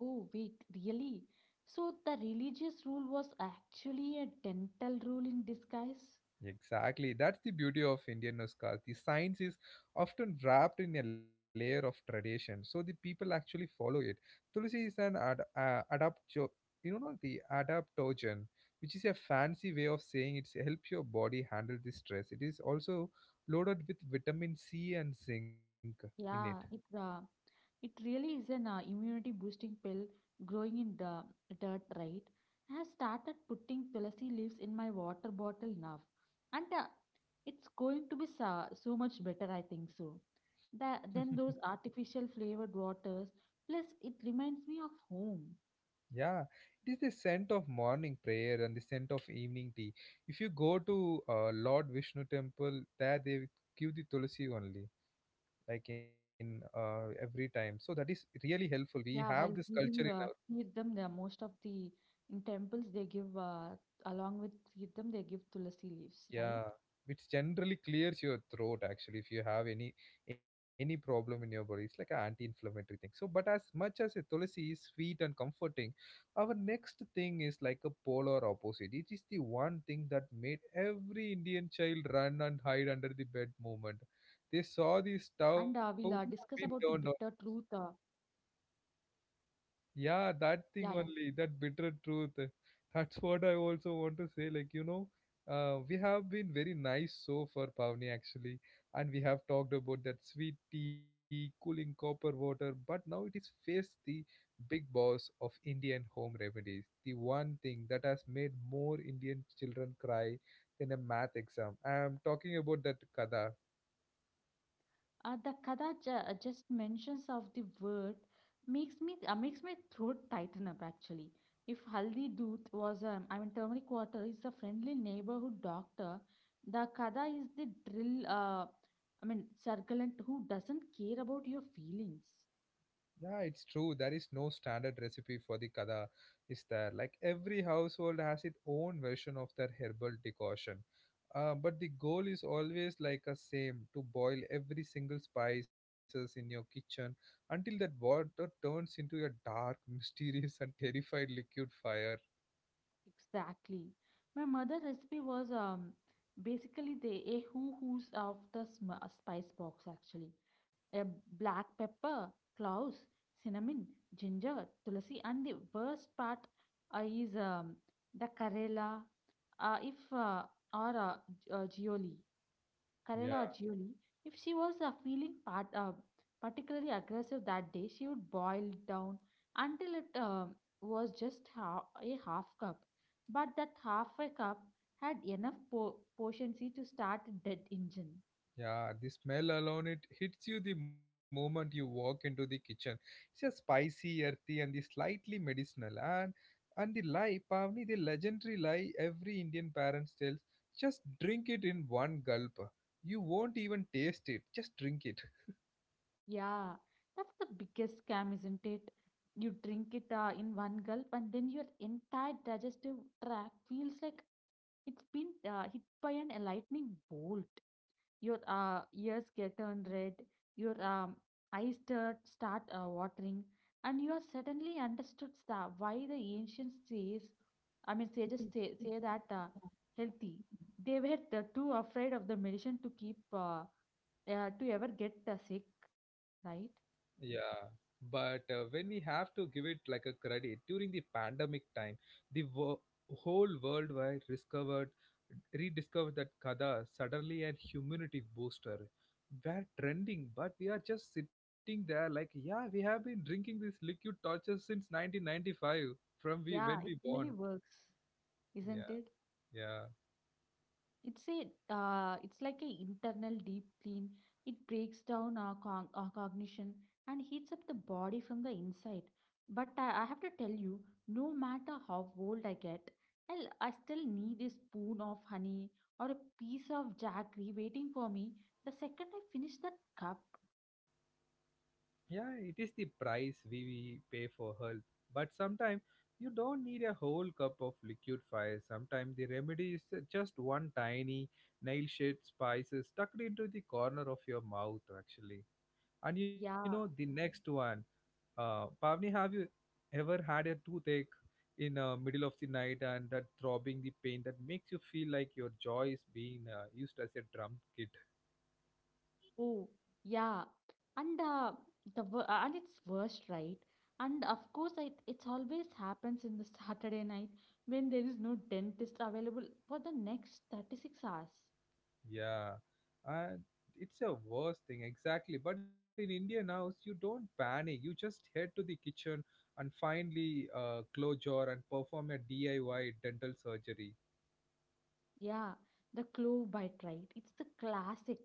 B: Oh wait, really? So the religious rule was actually a dental rule in disguise.
A: Exactly. That's the beauty of Indian Nuskas. The science is often wrapped in a layer of tradition, so the people actually follow it. Tulsi is an ad, uh, adapto, You know, the adaptogen, which is a fancy way of saying it's help your body handle the stress. It is also loaded with vitamin C and zinc in it.
B: Yeah, it uh, it really is an uh, immunity boosting pill growing in the dirt, right? I have started putting tulsi leaves in my water bottle now, and uh, it's going to be so, so much better, I think so. That than those artificial flavored waters. Plus, it reminds me of home.
A: Yeah, it is the scent of morning prayer and the scent of evening tea. If you go to uh, Lord Vishnu temple, there they give the tulsi only. Like in uh, every time, so that is really helpful. We
B: Yeah,
A: have this
B: while
A: culture in
B: giving
A: our.
B: uh, them the most of the in temples they give uh, along with them they give tulsi leaves, right?
A: Yeah, which generally clears your throat actually. If you have any any problem in your body, it's like an anti-inflammatory thing. So but as much as a tulsi is sweet and comforting, our next thing is like a polar opposite. It is the one thing that made
B: Yeah.
A: every Indian child run and hide
B: And
A: under
B: uh,
A: the
B: we'll
A: bed
B: uh,
A: moment
B: discuss about the
A: they
B: bitter
A: saw the
B: truth.
A: stove
B: Uh,
A: being turned on.
B: yeah, yeah.
A: Yeah, that thing only, that bitter truth. That's what I also want to say. Like, you know, uh, we have been very nice so far, Pavni, actually. And we have talked about that sweet tea, cooling copper water, but now it is face the big boss of Indian home remedies. The one thing that has made more Indian children cry than a math exam. I am talking about that kada.
B: Uh, the kada ju- uh, just mentions of the word makes me uh, makes my throat tighten up actually. If Haldi Doot was um, I mean turmeric water is the friendly neighborhood doctor, the kada is the drill. Uh, I mean circlant who doesn't care about your feelings.
A: Yeah, it's true. There is no standard recipe for the kada, is there? Like every household has its own version of their herbal decoction. Uh, but the goal is always like a same to boil every single spices in your kitchen until that water turns into a dark, mysterious, and terrified liquid fire.
B: Exactly. My mother recipe was um basically the a who who's of the sm- uh, spice box actually a black pepper, cloves, cinnamon, ginger, tulsi, and the worst part uh, is um, the Karela. Uh, if uh, or uh, G- uh, Gioli, Karela or
A: Yeah.
B: Gioli, if she was uh, feeling part, uh, particularly aggressive that day, she would boil it down until it um was just ha- a half cup. But that half a cup had enough po- potency to start a dead engine.
A: Yeah, the smell alone it hits you the moment you walk into the kitchen. It's just spicy, earthy, and the slightly medicinal. And and the lie, Pavni, the legendary lie every Indian parents tells, just drink it in one gulp. You won't even taste it. Just drink it.
B: Yeah, that's the biggest scam, isn't it? You drink it uh, in one gulp, and then your entire digestive tract feels like it's been uh, hit by an a lightning bolt. Your uh, ears get turned red, your um, eyes tur- start uh, watering, and you are suddenly understood that why the ancients says, I mean, sages say, say that uh, healthy. They were uh, too afraid of the medicine to keep uh, uh, to ever get uh, sick, right?
A: Yeah, but uh, when we have to give it like a credit during the pandemic time, the wo- whole world wide discovered rediscovered that kada suddenly and humanity booster. We're trending, but we are just sitting there like, yeah, we have been drinking this liquid torture since nineteen ninety-five from we when
B: Yeah, it
A: we born.
B: really works, isn't
A: Yeah,
B: it?
A: yeah.
B: It's a uh, it's like a internal deep clean. It breaks down our, con our cognition and heats up the body from the inside. But I, I have to tell you, no matter how old I get, I'll, I still need a spoon of honey or a piece of jaggery waiting for me the second I finish that cup.
A: Yeah, it is the price we we pay for health. But sometimes you don't need a whole cup of liquid fire. Sometimes the remedy is just one tiny nail shaped spices tucked into the corner of your mouth, actually. And you know, the
B: Yeah.
A: next one, uh, Pavni, have you ever had a toothache in uh, middle of the night and that throbbing the pain that makes you feel like your jaw is being uh, used as a drum kit?
B: Oh, yeah. And uh, the wor- uh, and it's worst, right? And of course, it it's always happens in the Saturday night when there is no dentist available for the next thirty-six hours.
A: Yeah, and it's a worst thing exactly. But in Indian house, you don't panic. You just head to the kitchen and finally uh, close jar and perform a D I Y dental surgery.
B: Yeah, the clove bite, right? It's the classic.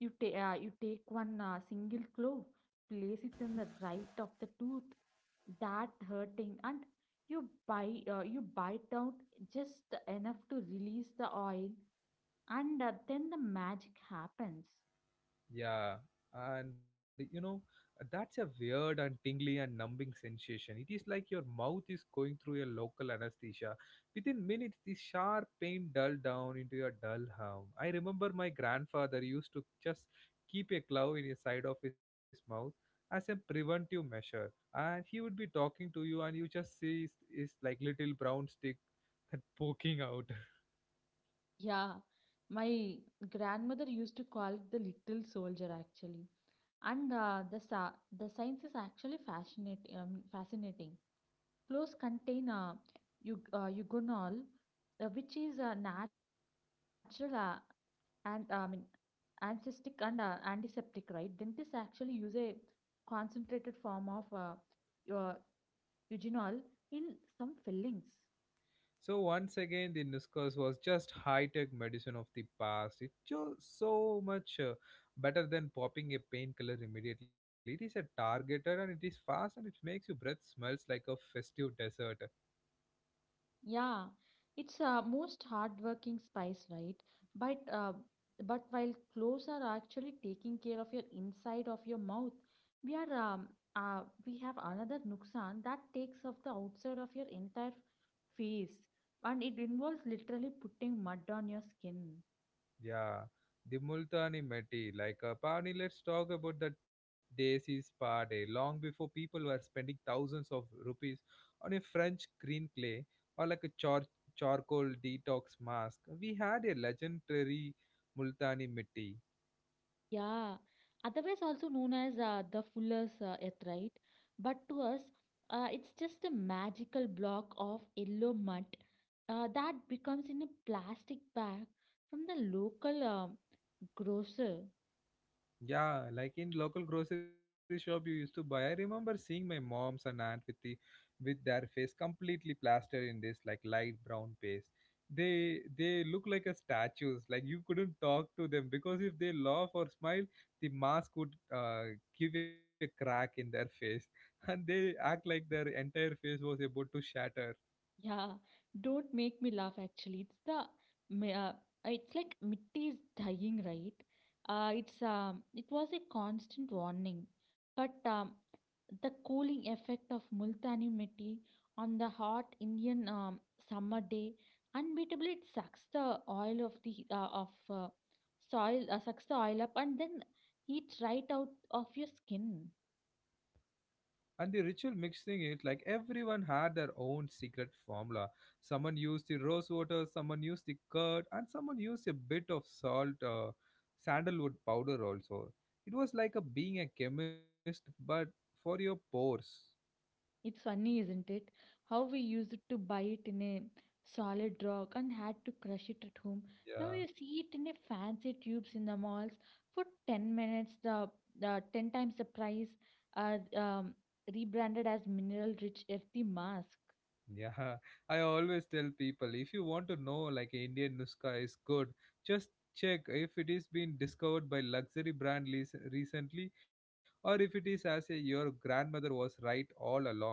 B: You take uh, you take one uh, single clove, place it in the right of the tooth, that hurting, and you bite uh, you bite out just enough to release the oil. And uh, then the magic happens.
A: Yeah, and you know, that's a weird and tingly and numbing sensation. It is like your mouth is going through a local anesthesia. Within minutes, the sharp pain dulled down into a dull hum. I remember my grandfather used to just keep a glove in the side of his mouth as a preventive measure. And he would be talking to you, and you just see his, his like little brown stick that poking out.
B: Yeah, my grandmother used to call it the little soldier actually. And uh, the sa the science is actually fascinating. Um, fascinating. Close contain uh, eu- uh, eugenol, uh, which is a natural uh, and uh, I mean anesthetic and uh, antiseptic, right? Dentists actually use a concentrated form of uh, eu- eugenol in some fillings.
A: So once again, the Nuskas was just high-tech medicine of the past. It's just so much uh, better than popping a painkiller immediately. It is a targeter and it is fast and it makes your breath smells like a festive dessert.
B: Yeah, it's a most hardworking spice, right? But uh, but while cloves are actually taking care of your inside of your mouth, we are um, uh, we have another nuksan that takes off the outside of your entire face, and it involves literally putting mud on your skin.
A: Yeah, the Multani Methi. Like, uh, Pani, let's talk about that Desi's party. Long before people were spending thousands of rupees on a French green clay or like a char- charcoal detox mask, we had a legendary Multani mitti.
B: Yeah, otherwise also known as uh, the Fuller's uh, Earth, right? But to us, uh, it's just a magical block of yellow mud uh, that becomes in a plastic bag from the local um grocer.
A: Yeah, like in local grocery shop you used to buy. I remember seeing my mom's and aunt with the with their face completely plastered in this like light brown paste. They they look like a statues. Like you couldn't talk to them because if they laugh or smile, the mask would uh, give a crack in their face, and they act like their entire face was about to shatter.
B: Yeah, don't make me laugh. Actually, it's the mi- uh, it's like Mitti is dying, right? Uh, it's um, it was a constant warning, but um, the cooling effect of Multani Mitti on the hot Indian um, summer day, unbeatably it sucks the oil of the uh, of uh, soil, uh, sucks the oil up, and then heat right out of your skin.
A: And the ritual mixing it, like everyone had their own secret formula. Someone used the rose water, someone used the curd, and someone used a bit of salt, uh, sandalwood powder also. It was like a being a chemist, but for your pores.
B: It's funny, isn't it? How we used to buy it in a solid rock and had to crush it at home. Now
A: Yeah,
B: you see it in a fancy tubes in the malls for ten minutes, the, the ten times the price, uh, um, rebranded as mineral rich earthy mask.
A: yeah. I always tell people, if you want to know like Indian nuska is good, just check if it is been discovered by luxury brand leas- recently, or if it is as a your grandmother was right all along.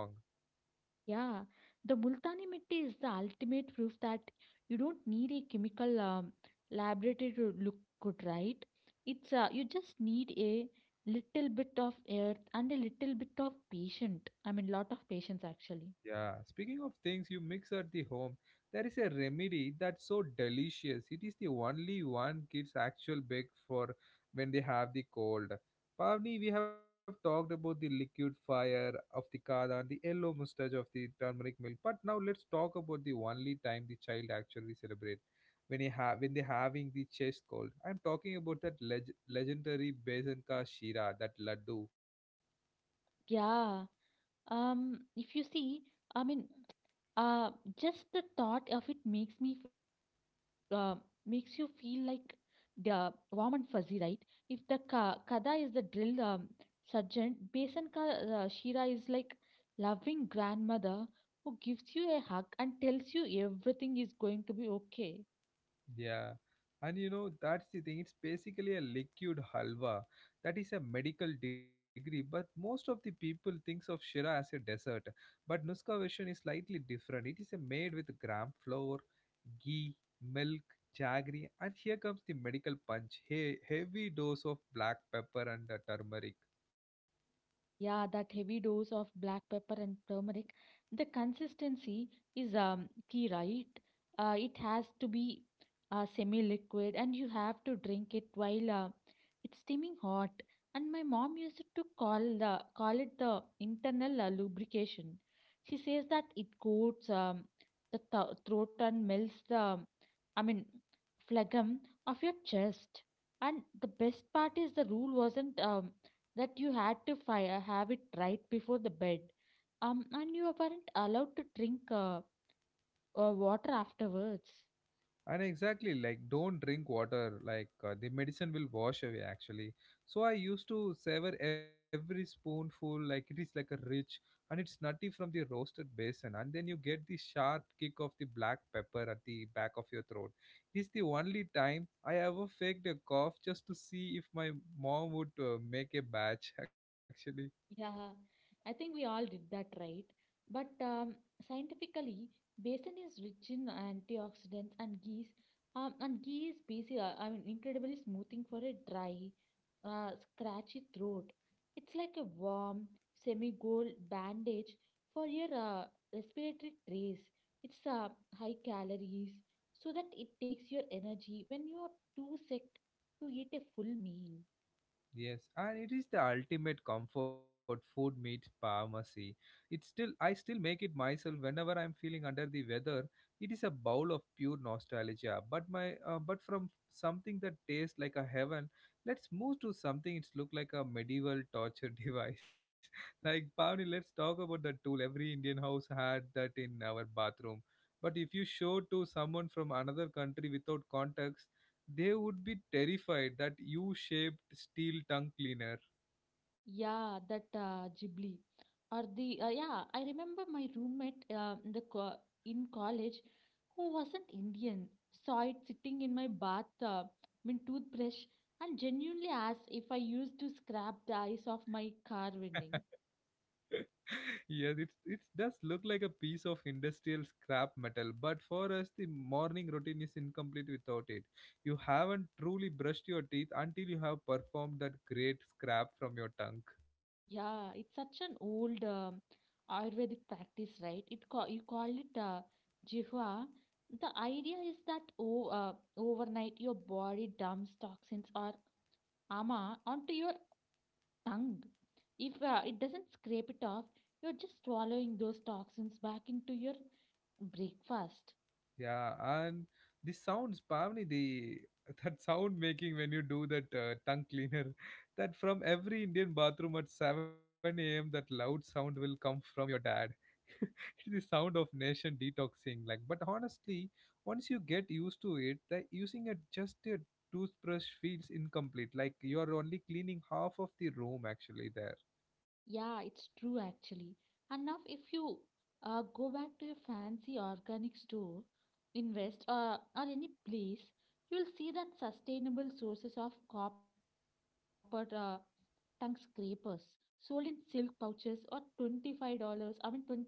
B: Yeah, the Multani mitti is the ultimate proof that you don't need a chemical um, laboratory to look good, right? It's uh, you just need a little bit of earth and a little bit of patient. I mean, lot of patience actually.
A: Yeah, speaking of things you mix at the home, there is a remedy that's so delicious. It is the only one kids actual bake for when they have the cold. Pavni, we have talked about the liquid fire of the kada and the yellow mustache of the turmeric milk, but now let's talk about the only time the child actually celebrate when he ha- when they're having the chest cold. I'm talking about that leg- legendary Besan ka shira, that laddu.
B: Yeah. Um, if you see, I mean, uh, just the thought of it makes me uh, makes you feel like the warm and fuzzy, right? If the ka kada is the drill um, sergeant, Besan ka uh, Shira is like loving grandmother who gives you a hug and tells you everything is going to be okay.
A: Yeah, and you know, that's the thing. It's basically a liquid halwa. That is a medical degree, but most of the people thinks of Shira as a dessert. But Nuska version is slightly different. It is a made with gram flour, ghee, milk, jaggery, and here comes the medical punch. Hey, heavy dose of black pepper and uh, turmeric.
B: Yeah, that heavy dose of black pepper and turmeric, the consistency is um, key, right? Uh, it has to be uh, semi-liquid and you have to drink it while uh, it's steaming hot. And my mom used to call the call it the internal uh, lubrication. She says that it coats um, the th- throat and melts the, I mean, phlegm of your chest. And the best part is the rule wasn't um, that you had to fire, have it right before the bed. Um, and you weren't allowed to drink uh, uh, water afterwards.
A: And exactly like don't drink water, like uh, the medicine will wash away actually. So I used to savor every spoonful like it is like a rich, and it's nutty from the roasted basin, and then you get the sharp kick of the black pepper at the back of your throat. It is the only time I ever faked a cough just to see if my mom would uh, make a batch actually.
B: Yeah, I think we all did that right. But um, scientifically, basin is rich in antioxidants and ghee. Um, and ghee is basically, I mean, incredibly smoothing for a dry, uh, scratchy throat. It's like a warm, semi-gold bandage for your uh, respiratory trays. It's uh, high calories, so that it takes your energy when you're too sick to eat a full meal.
A: Yes, and it is the ultimate comfort food meets pharmacy. It's still I still make it myself whenever I'm feeling under the weather. It is a bowl of pure nostalgia, but my uh, but from something that tastes like a heaven. Let's move to something it's look like a medieval torture device. Like Pavni, let's talk about the tool. Every Indian house had that in our bathroom. But if you show to someone from another country without context, they would be terrified that you shaped steel tongue cleaner.
B: Yeah, that uh, Ghibli or the uh, yeah, I remember my roommate uh, in the co- in college who wasn't Indian saw it sitting in my bath, uh, my toothbrush, and genuinely asked if I used to scrap the ice off my car window.
A: Yes, it it does look like a piece of industrial scrap metal, but for us the morning routine is incomplete without it. You haven't truly brushed your teeth until you have performed that great scrap from your tongue.
B: Yeah, it's such an old um, Ayurvedic practice, right? It ca- you call it uh, jihva. The idea is that o- uh, overnight your body dumps toxins or ama onto your tongue. If uh, it doesn't scrape it off, you're just swallowing those toxins back into your breakfast.
A: Yeah, and the sounds, Pavni, the that sound making when you do that uh, tongue cleaner, that from every Indian bathroom at seven a m that loud sound will come from your dad. It's the sound of nation detoxing. Like, but honestly, once you get used to it, that using a just a toothbrush feels incomplete. Like you are only cleaning half of the room actually there.
B: Yeah, it's true actually. And now, if you uh, go back to your fancy organic store, invest uh, or any place, you'll see that sustainable sources of copper uh, tongue scrapers sold in silk pouches or $25, I mean twenty-five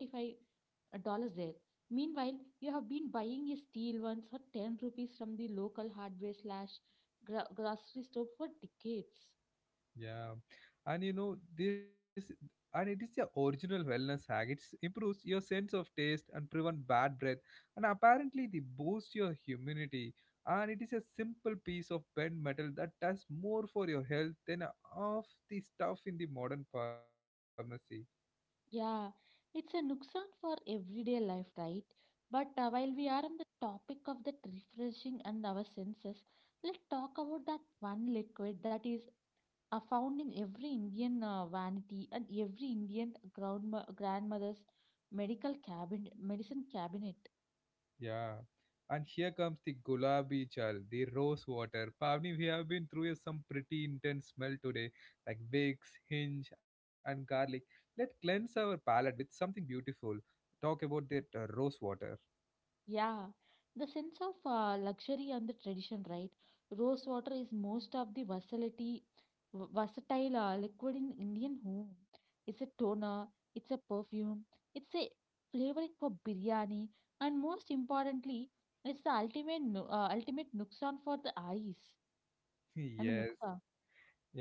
B: uh, dollars there. Meanwhile, you have been buying a steel one for ten rupees from the local hardware slash gro- grocery store for decades.
A: Yeah, and you know this, and it is the original wellness hack. It improves your sense of taste and prevent bad breath, and apparently they boost your immunity. And it is a simple piece of bent metal that does more for your health than half the stuff in the modern pharmacy.
B: Yeah, it's a nuksan for everyday life, right? But uh, while we are on the topic of that refreshing and our senses, let's talk about that one liquid that is uh, found in every Indian uh, vanity and every Indian grandma- grandmother's medical cabinet, medicine cabinet.
A: Yeah. And here comes the gulabi chal, the rose water. Pavni, we have been through a- some pretty intense smell today, like wicks, hinge, and garlic. Let cleanse our palate with something beautiful. Talk about that uh, rose water.
B: Yeah, the sense of uh, luxury and the tradition, right? Rose water is most of the versatility, v- versatile uh, liquid in Indian home. It's a toner, it's a perfume, it's a flavoring for biryani, and most importantly, it's the ultimate nu- uh, ultimate nuksan for the eyes. I mean
A: Yes.
B: nuksa,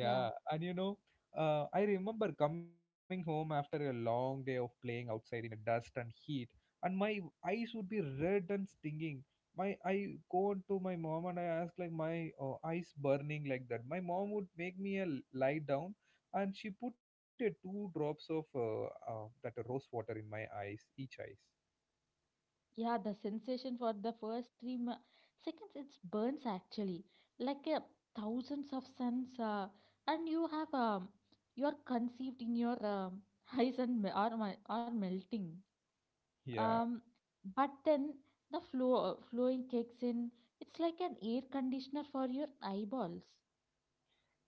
B: yeah.
A: and you know, uh, I remember coming home after a long day of playing outside in the dust and heat, and my eyes would be red and stinging. My I go on to my mom and I ask like my uh, eyes burning like that. My mom would make me a l- lie down, and she put a two drops of uh, uh, that rose water in my eyes, each eyes.
B: Yeah, the sensation for the first three mo- seconds it burns actually like a thousands of suns, uh, and you have um you are conceived in your um, eyes and me- are mel- are melting.
A: Yeah.
B: Um, but then the flow uh, flowing kicks in. It's like an air conditioner for your eyeballs.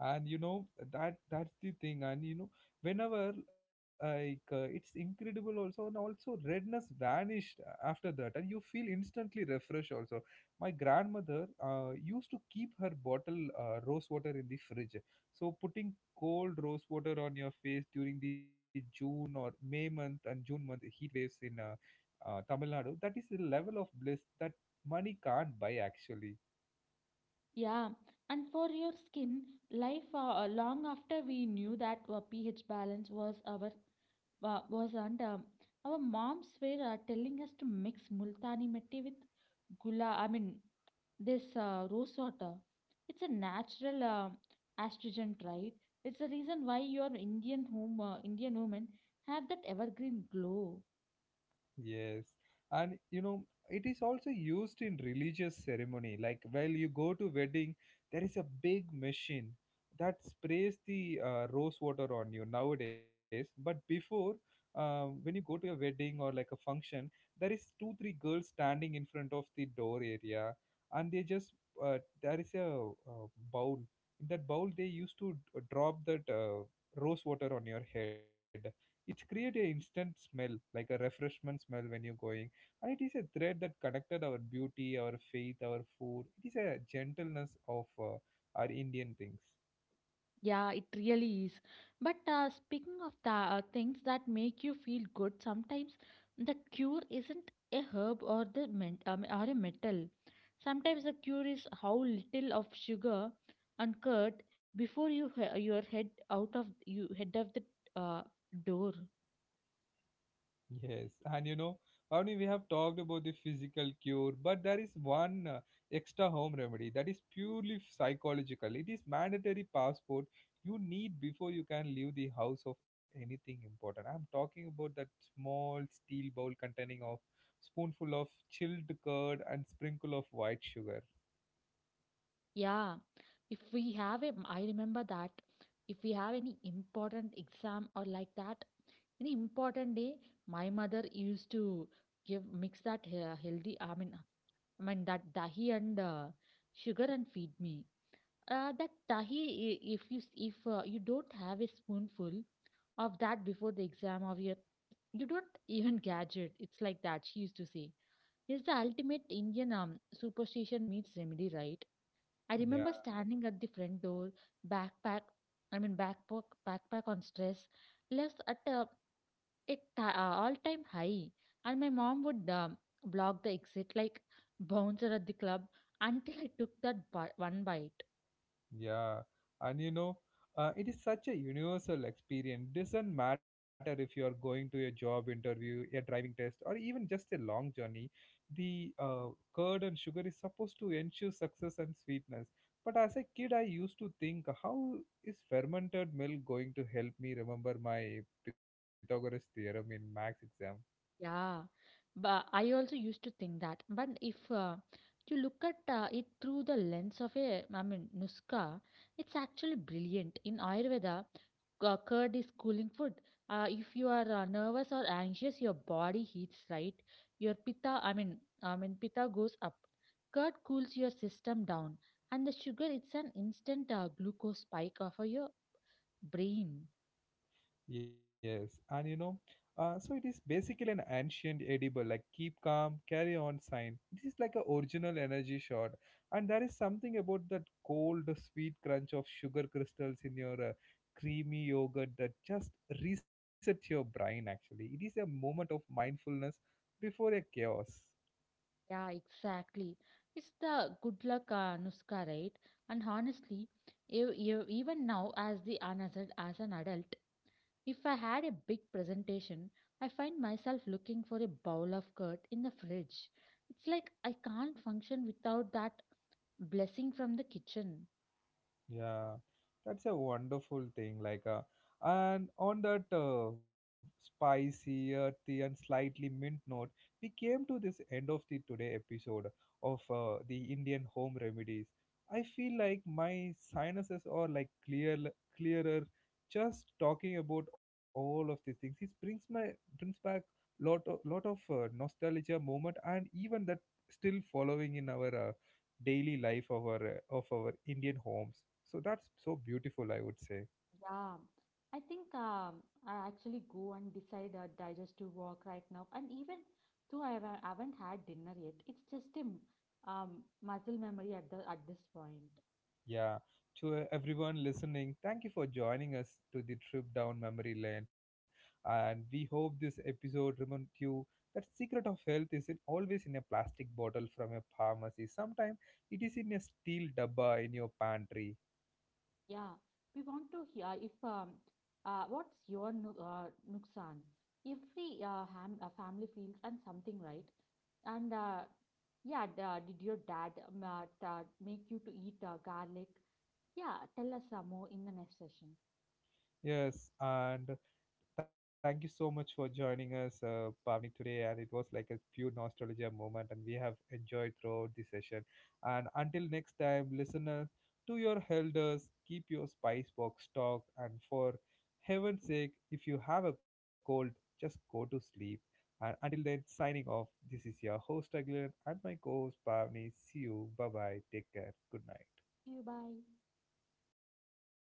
A: And you know that that's the thing, and you know whenever like uh, it's incredible also, and also redness vanished after that and you feel instantly refreshed also. My grandmother uh, used to keep her bottle uh, rose water in the fridge, so putting cold rose water on your face during the june or may month and june month heat waves in uh, uh, tamil nadu, that is a level of bliss that money can't buy actually.
B: Yeah, and for your skin, life uh, long after we knew that our pH balance was our wa- was and um, our moms were uh, telling us to mix multani mitti with gula I mean this uh, rose water. It's a natural uh, astringent, right? It's the reason why your indian home uh, indian women have that evergreen glow.
A: Yes. And you know, it is also used in religious ceremony. Like while you go to wedding, there is a big machine that sprays the uh, rose water on you nowadays. But before, uh, when you go to your wedding or like a function, there is two three girls standing in front of the door area, and they just uh, there is a uh, bowl. In that bowl, they used to d- drop that uh, rose water on your head. It create a instant smell, like a refreshment smell when you're going, and it is a thread that connected our beauty, our faith, our food. It is a gentleness of uh, our indian things.
B: Yeah, it really is. But uh, speaking of the uh, things that make you feel good, sometimes the cure isn't a herb or the men- um, or a metal. Sometimes the cure is how little of sugar and curd before you he- your head out of you head of the uh, door.
A: Yes, and you know, Bhavani, we have talked about the physical cure, but there is one uh, extra home remedy that is purely psychological. It is mandatory passport you need before you can leave the house of anything important. I'm talking about that small steel bowl containing of spoonful of chilled curd and sprinkle of white sugar.
B: Yeah, if we have a, I remember that if we have any important exam or like that an important day, my mother used to give mix that he- uh, healthy. I mean, uh, I mean that dahi and uh, sugar and feed me. Uh, that dahi, i- if you s- if uh, you don't have a spoonful of that before the exam of your, you don't even catch it. It's like that. She used to say, "Is the ultimate Indian um, superstition meets remedy, right?" I remember
A: Yeah.
B: standing at the front door, backpack, I mean backpack, backpack on stress, left at a, a ti- uh, all-time high, and my mom would um, block the exit like bouncer at the club until I took that bi- one bite.
A: Yeah, and you know, uh, it is such a universal experience. Doesn't matter if you are going to a job interview, a driving test, or even just a long journey. The uh, curd and sugar is supposed to ensure success and sweetness. But as a kid, I used to think, how is fermented milk going to help me remember my Pythagoras theorem in max exam?
B: Yeah, but I also used to think that. But if uh, you look at uh, it through the lens of a, I mean, Nuska, it's actually brilliant. In Ayurveda, cu- curd is cooling food. Uh, if you are uh, nervous or anxious, your body heats, right? Your pitta, I mean, I mean, pitta goes up. Curd cools your system down, and the sugar, it's an instant uh, glucose spike for your brain.
A: Yes, and you know, uh, so it is basically an ancient edible, like keep calm, carry on sign. It is like a original energy shot, and there is something about that cold, sweet crunch of sugar crystals in your uh, creamy yogurt that just resets your brain. Actually, it is a moment of mindfulness before a chaos.
B: Yeah, exactly. It's the good luck uh, Nuska, right? And honestly, ev- ev- even now, as the an- as, a- as an adult, if I had a big presentation, I find myself looking for a bowl of curd in the fridge. It's like I can't function without that blessing from the kitchen.
A: Yeah, that's a wonderful thing. Like, uh, and on that uh, spicy, earthy, and slightly mint note, we came to this end of the today episode of uh, the Indian home remedies. I feel like my sinuses are like clear, clearer. Just talking about all of these things, it brings my brings back lot of lot of uh, nostalgia moment, and even that still following in our uh, daily life of our uh, of our Indian homes. So that's so beautiful, I would say.
B: Yeah, I think um, I actually go and decide a digestive walk right now. And even though I haven't, I haven't had dinner yet, it's just a m- um, muscle memory at the at this point.
A: Yeah. To uh, everyone listening, thank you for joining us to the trip down memory lane, and we hope this episode reminds you that secret of health isn't always in a plastic bottle from a pharmacy. Sometimes it is in a steel dabba in your pantry.
B: Yeah, we want to hear uh, if um, uh, what's your nu- uh, nuksan? Every uh, ham uh, family feels and something, right? And uh, yeah, d- uh, did your dad um, uh, t- uh, make you to eat uh, garlic? Yeah, tell us some more in the next session.
A: Yes, and thank you so much for joining us, uh, Pavni, today. And it was like a pure nostalgia moment, and we have enjoyed throughout the session. And until next time, listeners, to your elders, keep your spice box stocked. And for heaven's sake, if you have a cold, just go to sleep. And until then, signing off. This is your host, Aglan, and my co host, Pavni. See you. Bye bye. Take care. Good night.
B: See you, bye.